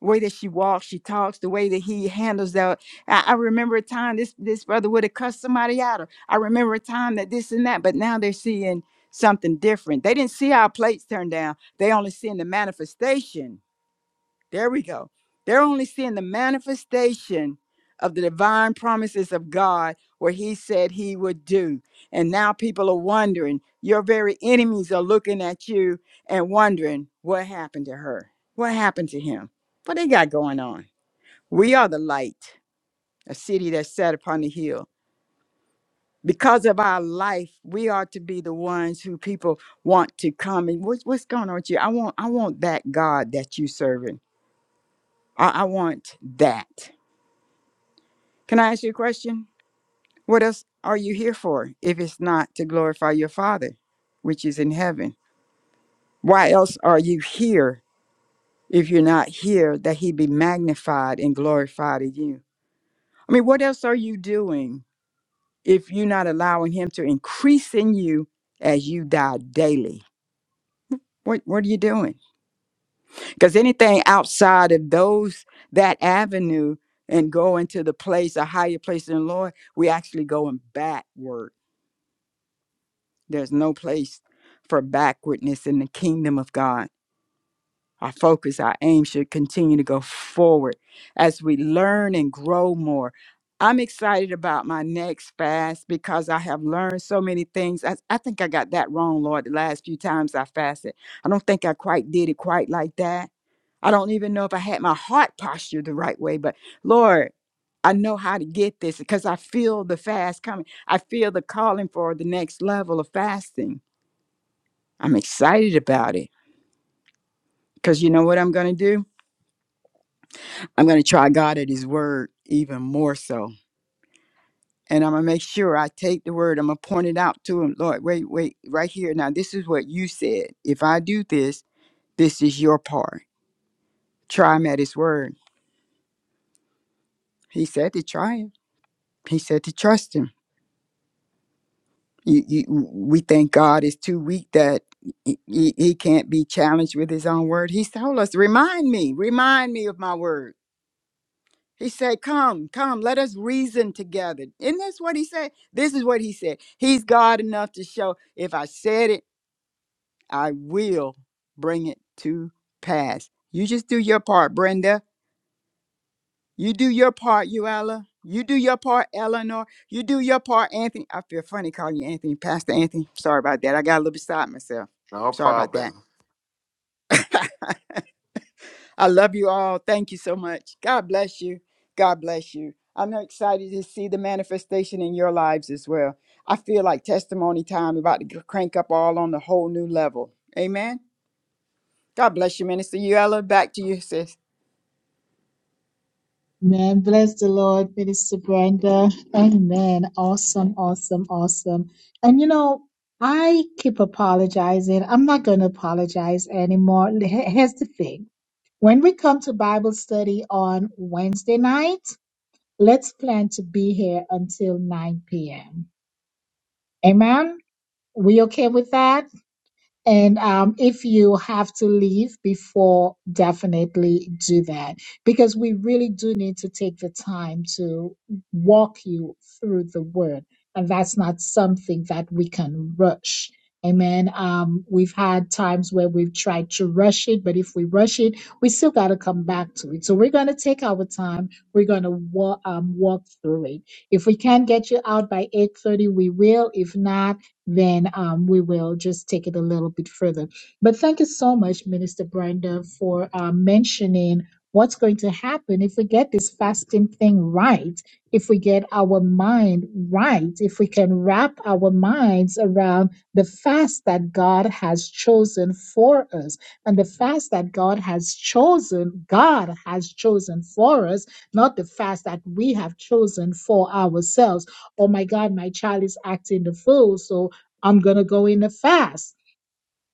The Way that she walks, she talks, the way that he handles that. I, I remember a time this this brother would have cussed somebody out, or I remember a time that this and that, but now they're seeing something different. They didn't see our plates turned down. They only seeing the manifestation there we go. They're only seeing the manifestation of the divine promises of God, where He said He would do. And now people are wondering, your very enemies are looking at you and wondering, what happened to her? What happened to him? What they got going on? We are the light, a city that's set upon a hill. Because of our life, we are to be the ones who people want to come and what's, what's going on with you? I want I want that God that you serving. I, I want that. Can I ask you a question? What else are you here for if it's not to glorify your Father, which is in heaven? Why else are you here if you're not here that He be magnified and glorified in you? I mean, what else are you doing if you're not allowing Him to increase in you as you die daily? What, what are you doing? Because anything outside of those, that avenue, and going to the place, a higher place in the Lord, we actually going backward. There's no place for backwardness in the kingdom of God. Our focus, our aim should continue to go forward as we learn and grow more. I'm excited about my next fast because I have learned so many things. I, I think I got that wrong, Lord, the last few times I fasted. I don't think I quite did it quite like that. I don't even know if I had my heart posture the right way, but Lord, I know how to get this because I feel the fast coming. I feel the calling for the next level of fasting I'm excited about it because you know what I'm going to do? I'm going to try God at His word even more so. And I'm going to make sure I take the word, I'm going to point it out to Him. Lord, wait, wait, right here. Now, this is what you said. If I do this, this is your part. Try Him at His word. He said to try Him, He said to trust Him. You, you, we think God is too weak that he, he he can't be challenged with his own word. He told us, remind me, remind me of my word He said, Come, come, let us reason together. Isn't this what he said? This is what he said. He's God enough to show if I said it, I will bring it to pass. You just do your part, Brenda. You do your part, Uella. You do your part, Eleanor. You do your part, Anthony. I feel funny calling you Anthony, Pastor Anthony. Sorry about that. I got a little beside myself.
No
Sorry about that.
problem.
*laughs* I love you all. Thank you so much. God bless you. God bless you. I'm excited to see the manifestation in your lives as well. I feel like testimony time about to crank up all on a whole new level. Amen. God bless you, Minister Uella. Back to you, sis.
Man, bless the Lord, Minister Brenda. Amen. Awesome, awesome, awesome. And you know, I keep apologizing. I'm not going to apologize anymore. H- Here's the thing when we come to Bible study on Wednesday night, let's plan to be here until 9 p.m. Amen. We okay with that? And um, if you have to leave before, definitely do that because we really do need to take the time to walk you through the word. And that's not something that we can rush. Amen. Um, we've had times where we've tried to rush it, but if we rush it, we still got to come back to it. So we're going to take our time. We're going to wa- um, walk through it. If we can get you out by 8.30, we will. If not, then um, we will just take it a little bit further. But thank you so much, Minister Brenda, for uh, mentioning what's going to happen if we get this fasting thing right, if we get our mind right, if we can wrap our minds around the fast that God has chosen for us. And the fast that God has chosen, God has chosen for us, not the fast that we have chosen for ourselves. Oh my God, my child is acting the fool. So I'm gonna go in a fast.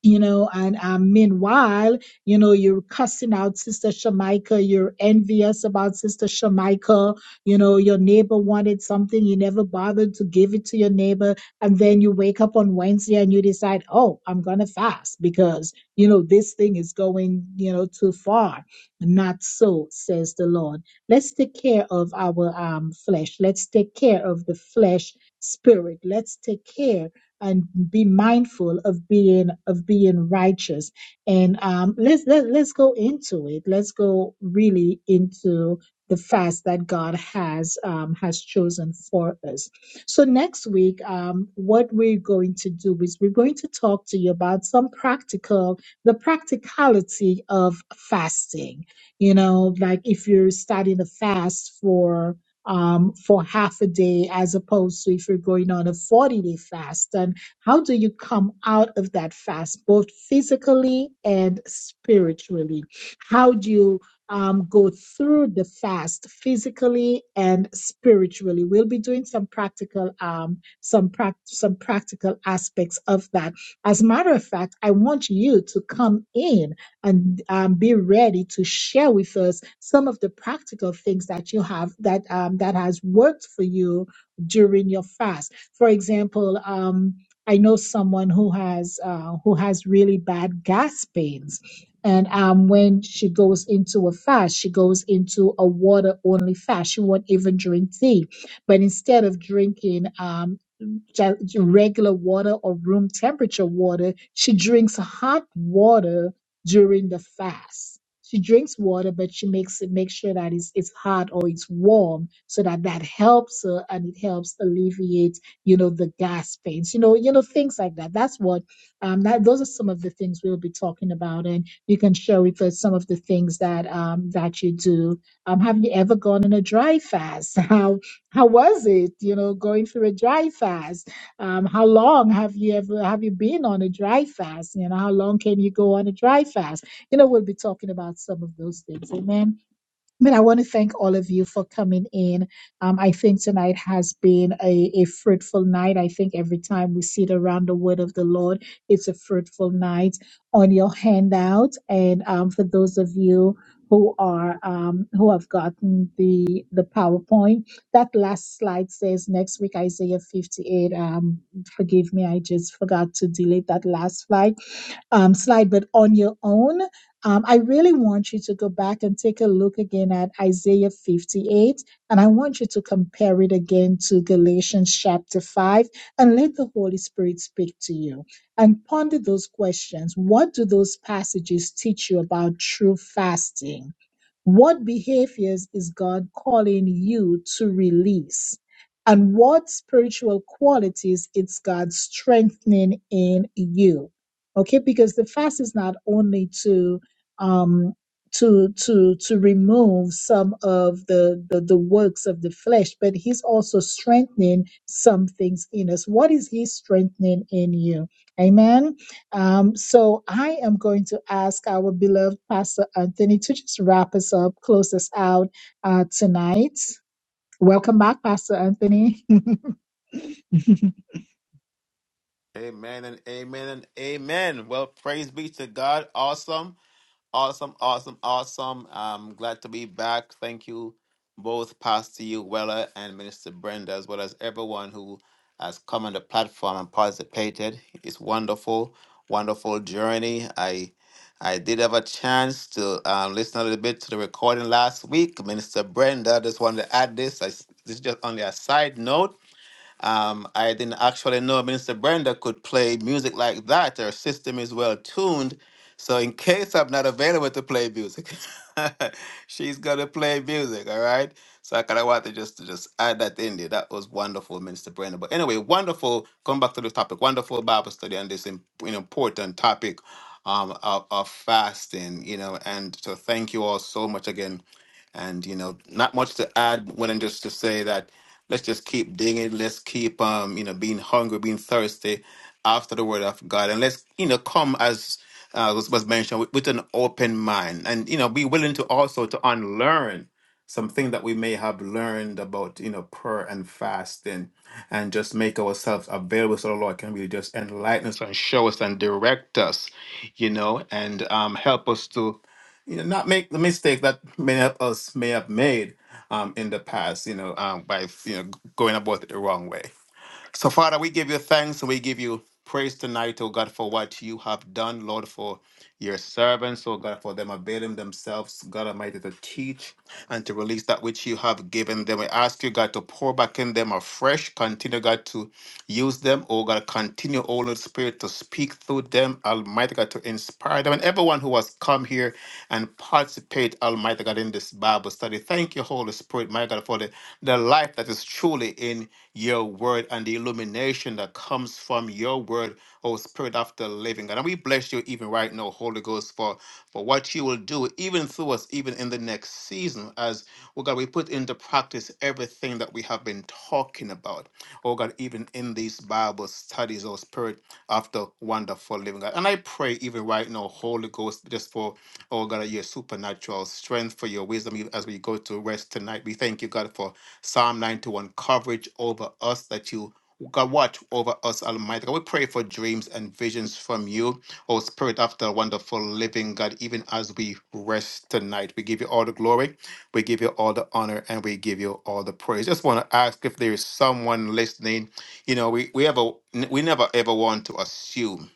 You know, and um, meanwhile, you know, you're cussing out Sister Shamika. You're envious about Sister Shamika. You know, your neighbor wanted something. You never bothered to give it to your neighbor. And then you wake up on Wednesday and you decide, oh, I'm going to fast because, you know, this thing is going, you know, too far. Not so, says the Lord. Let's take care of our um, flesh. Let's take care of the flesh spirit. Let's take care and be mindful of being of being righteous and um let's let, let's go into it let's go really into the fast that god has um has chosen for us so next week um what we're going to do is we're going to talk to you about some practical the practicality of fasting you know like if you're starting a fast for um, for half a day as opposed to if you're going on a 40 day fast? And how do you come out of that fast, both physically and spiritually? How do you um, go through the fast physically and spiritually? We'll be doing some practical, um, some prac some practical aspects of that. As a matter of fact, I want you to come in and um, be ready to share with us some of the practical things that you have that um, that has worked for you during your fast. For example, um, I know someone who has uh, who has really bad gas pains. And um, when she goes into a fast, she goes into a water only fast. She won't even drink tea, but instead of drinking um, ju- ju- regular water or room temperature water. She drinks hot water during the fast. She drinks water, but she makes it make sure that it's, it's hot or it's warm so that that helps her and it helps alleviate, you know, the gas pains, you know, you know, things like that. That's what, um, that, those are some of the things we'll be talking about. And you can share with us some of the things that, um, that you do. Um, have you ever gone on a dry fast? *laughs* How was it, you know, going through a dry fast? Um, how long have you ever have you been on a dry fast? You know, how long can you go on a dry fast? You know, we'll be talking about some of those things. Amen. But I want to thank all of you for coming in. Um, I think tonight has been a, a fruitful night. I think every time we sit around the word of the Lord, it's a fruitful night on your handout. And um, for those of you who are um, who have gotten the the PowerPoint, that last slide says next week Isaiah 58. Um, forgive me, I just forgot to delete that last slide um, slide, but on your own, um, I really want you to go back and take a look again at Isaiah 58, and I want you to compare it again to Galatians chapter 5, and let the Holy Spirit speak to you. And ponder those questions. What do those passages teach you about true fasting? What behaviors is God calling you to release? And what spiritual qualities is God strengthening in you? Okay, because the fast is not only to um to to to remove some of the, the the works of the flesh, but he's also strengthening some things in us. What is he strengthening in you? Amen. Um, so I am going to ask our beloved Pastor Anthony to just wrap us up, close us out uh, tonight. Welcome back, Pastor Anthony. *laughs*
Amen and amen and amen. Well, praise be to God. Awesome Awesome, awesome, awesome. I'm glad to be back. Thank you both, Pastor U. and Minister Brenda, as well as everyone who has come on the platform and participated. It's wonderful, wonderful journey. I I did have a chance to um, listen a little bit to the recording last week. Minister Brenda, just wanted to add this. I, this is just only a side note um, I didn't actually know Minister Brenda could play music like that. Her system is well tuned. So, in case I'm not available to play music, *laughs* she's going to play music, all right? So, I kind of wanted just to just add that in there. That was wonderful, Minister Brenda. But anyway, wonderful. Come back to the topic. Wonderful Bible study on this im- you know, important topic um, of, of fasting, you know. And so, thank you all so much again and you know not much to add other than just to say that let's just keep digging let's keep um you know being hungry being thirsty after the word of god and let's you know come as uh, was, was mentioned with, with an open mind and you know be willing to also to unlearn something that we may have learned about you know prayer and fasting and just make ourselves available so the lord can really just enlighten us and show us and direct us you know and um, help us to you know, not make the mistake that many of us may have made um, in the past, you know, um, by you know going about it the wrong way. So, Father, we give you thanks and we give you praise tonight, oh God, for what you have done, Lord, for your servants, oh God, for them availing themselves, God Almighty, to teach and to release that which you have given them. We ask you, God, to pour back in them afresh. Continue, God, to use them, oh God. Continue, oh Lord Spirit, to speak through them, Almighty God, to inspire them. And everyone who has come here and participate, Almighty God, in this Bible study. Thank you, Holy Spirit, my God, for the, the life that is truly in your word and the illumination that comes from your word, O Spirit of the living God. And we bless you even right now, Holy Ghost, for, for what you will do, even through us, even in the next season, as, oh God, we put into practice everything that we have been talking about, oh God, even in these Bible studies, O Spirit of the wonderful living God. And I pray even right now, Holy Ghost, just for, oh God, your supernatural strength, for your wisdom, even as we go to rest tonight. We thank you, God, for Psalm 91 coverage over us that you God watch over us, Almighty God. We pray for dreams and visions from you, O Spirit of the wonderful living God, even as we rest tonight. We give you all the glory, we give you all the honor, and we give you all the praise. Just want to ask if there is someone listening. You know, we, we have a we never ever want to assume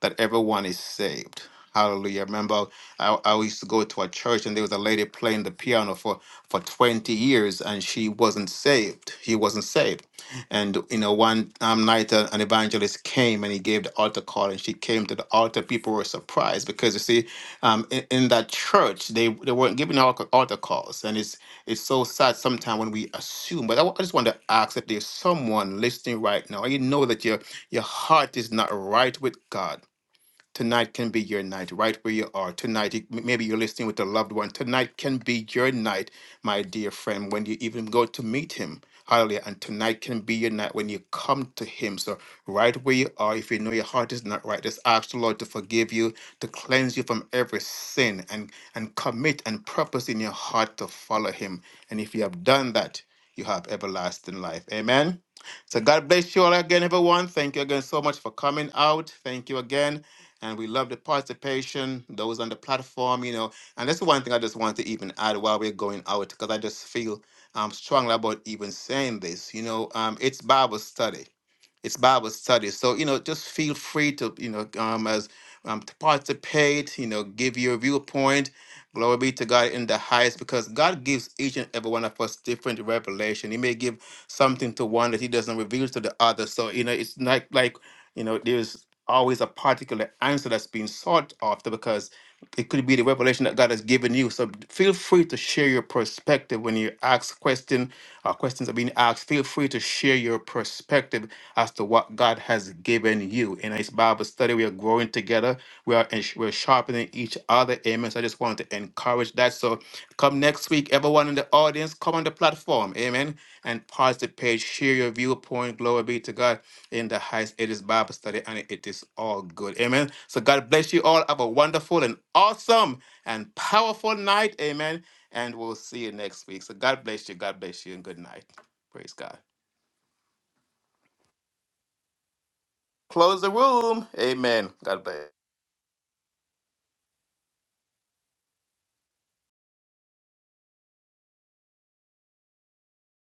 that everyone is saved. Hallelujah. Remember, I, I used to go to a church and there was a lady playing the piano for, for 20 years and she wasn't saved. She wasn't saved. And, you know, one um, night uh, an evangelist came and he gave the altar call and she came to the altar. People were surprised because, you see, um, in, in that church, they, they weren't giving alco- altar calls. And it's, it's so sad sometimes when we assume. But I, wa- I just want to ask if there's someone listening right now, and you know that your, your heart is not right with God Tonight can be your night, right where you are. Tonight, you- maybe you're listening with a loved one. Tonight can be your night, my dear friend, when you even go to meet him. Hallelujah. And tonight can be your night when you come to him. So, right where you are, if you know your heart is not right, just ask the Lord to forgive you, to cleanse you from every sin, and, and commit and purpose in your heart to follow him. And if you have done that, you have everlasting life. Amen. So God bless you all again, everyone. Thank you again so much for coming out. Thank you again and we love the participation, those on the platform, you know. And that's the one thing I just want to even add while we're going out, because I just feel um, strongly about even saying this. You know, um, it's Bible study. It's Bible study. So, you know, just feel free to, you know, um, as um, to participate, you know, give your viewpoint. Glory be to God in the highest, because God gives each and every one of us different revelation. He may give something to one that He doesn't reveal to the other. So, you know, it's not like, you know, there's always a particular answer that's being sought after because it could be the revelation that God has given you. So feel free to share your perspective when you ask question or questions are being asked. Feel free to share your perspective as to what God has given you. In this Bible study, we are growing together. We are we're sharpening each other. Amen. So I just wanted to encourage that. So come next week, everyone in the audience, come on the platform. Amen. And pause the page, share your viewpoint. Glory be to God in the highest. It is Bible study and it is all good. Amen. So God bless you all. Have a wonderful and awesome and powerful night. Amen. And we'll see you next week. So God bless you. God bless you and good night. Praise God. Close the room. Amen. God bless.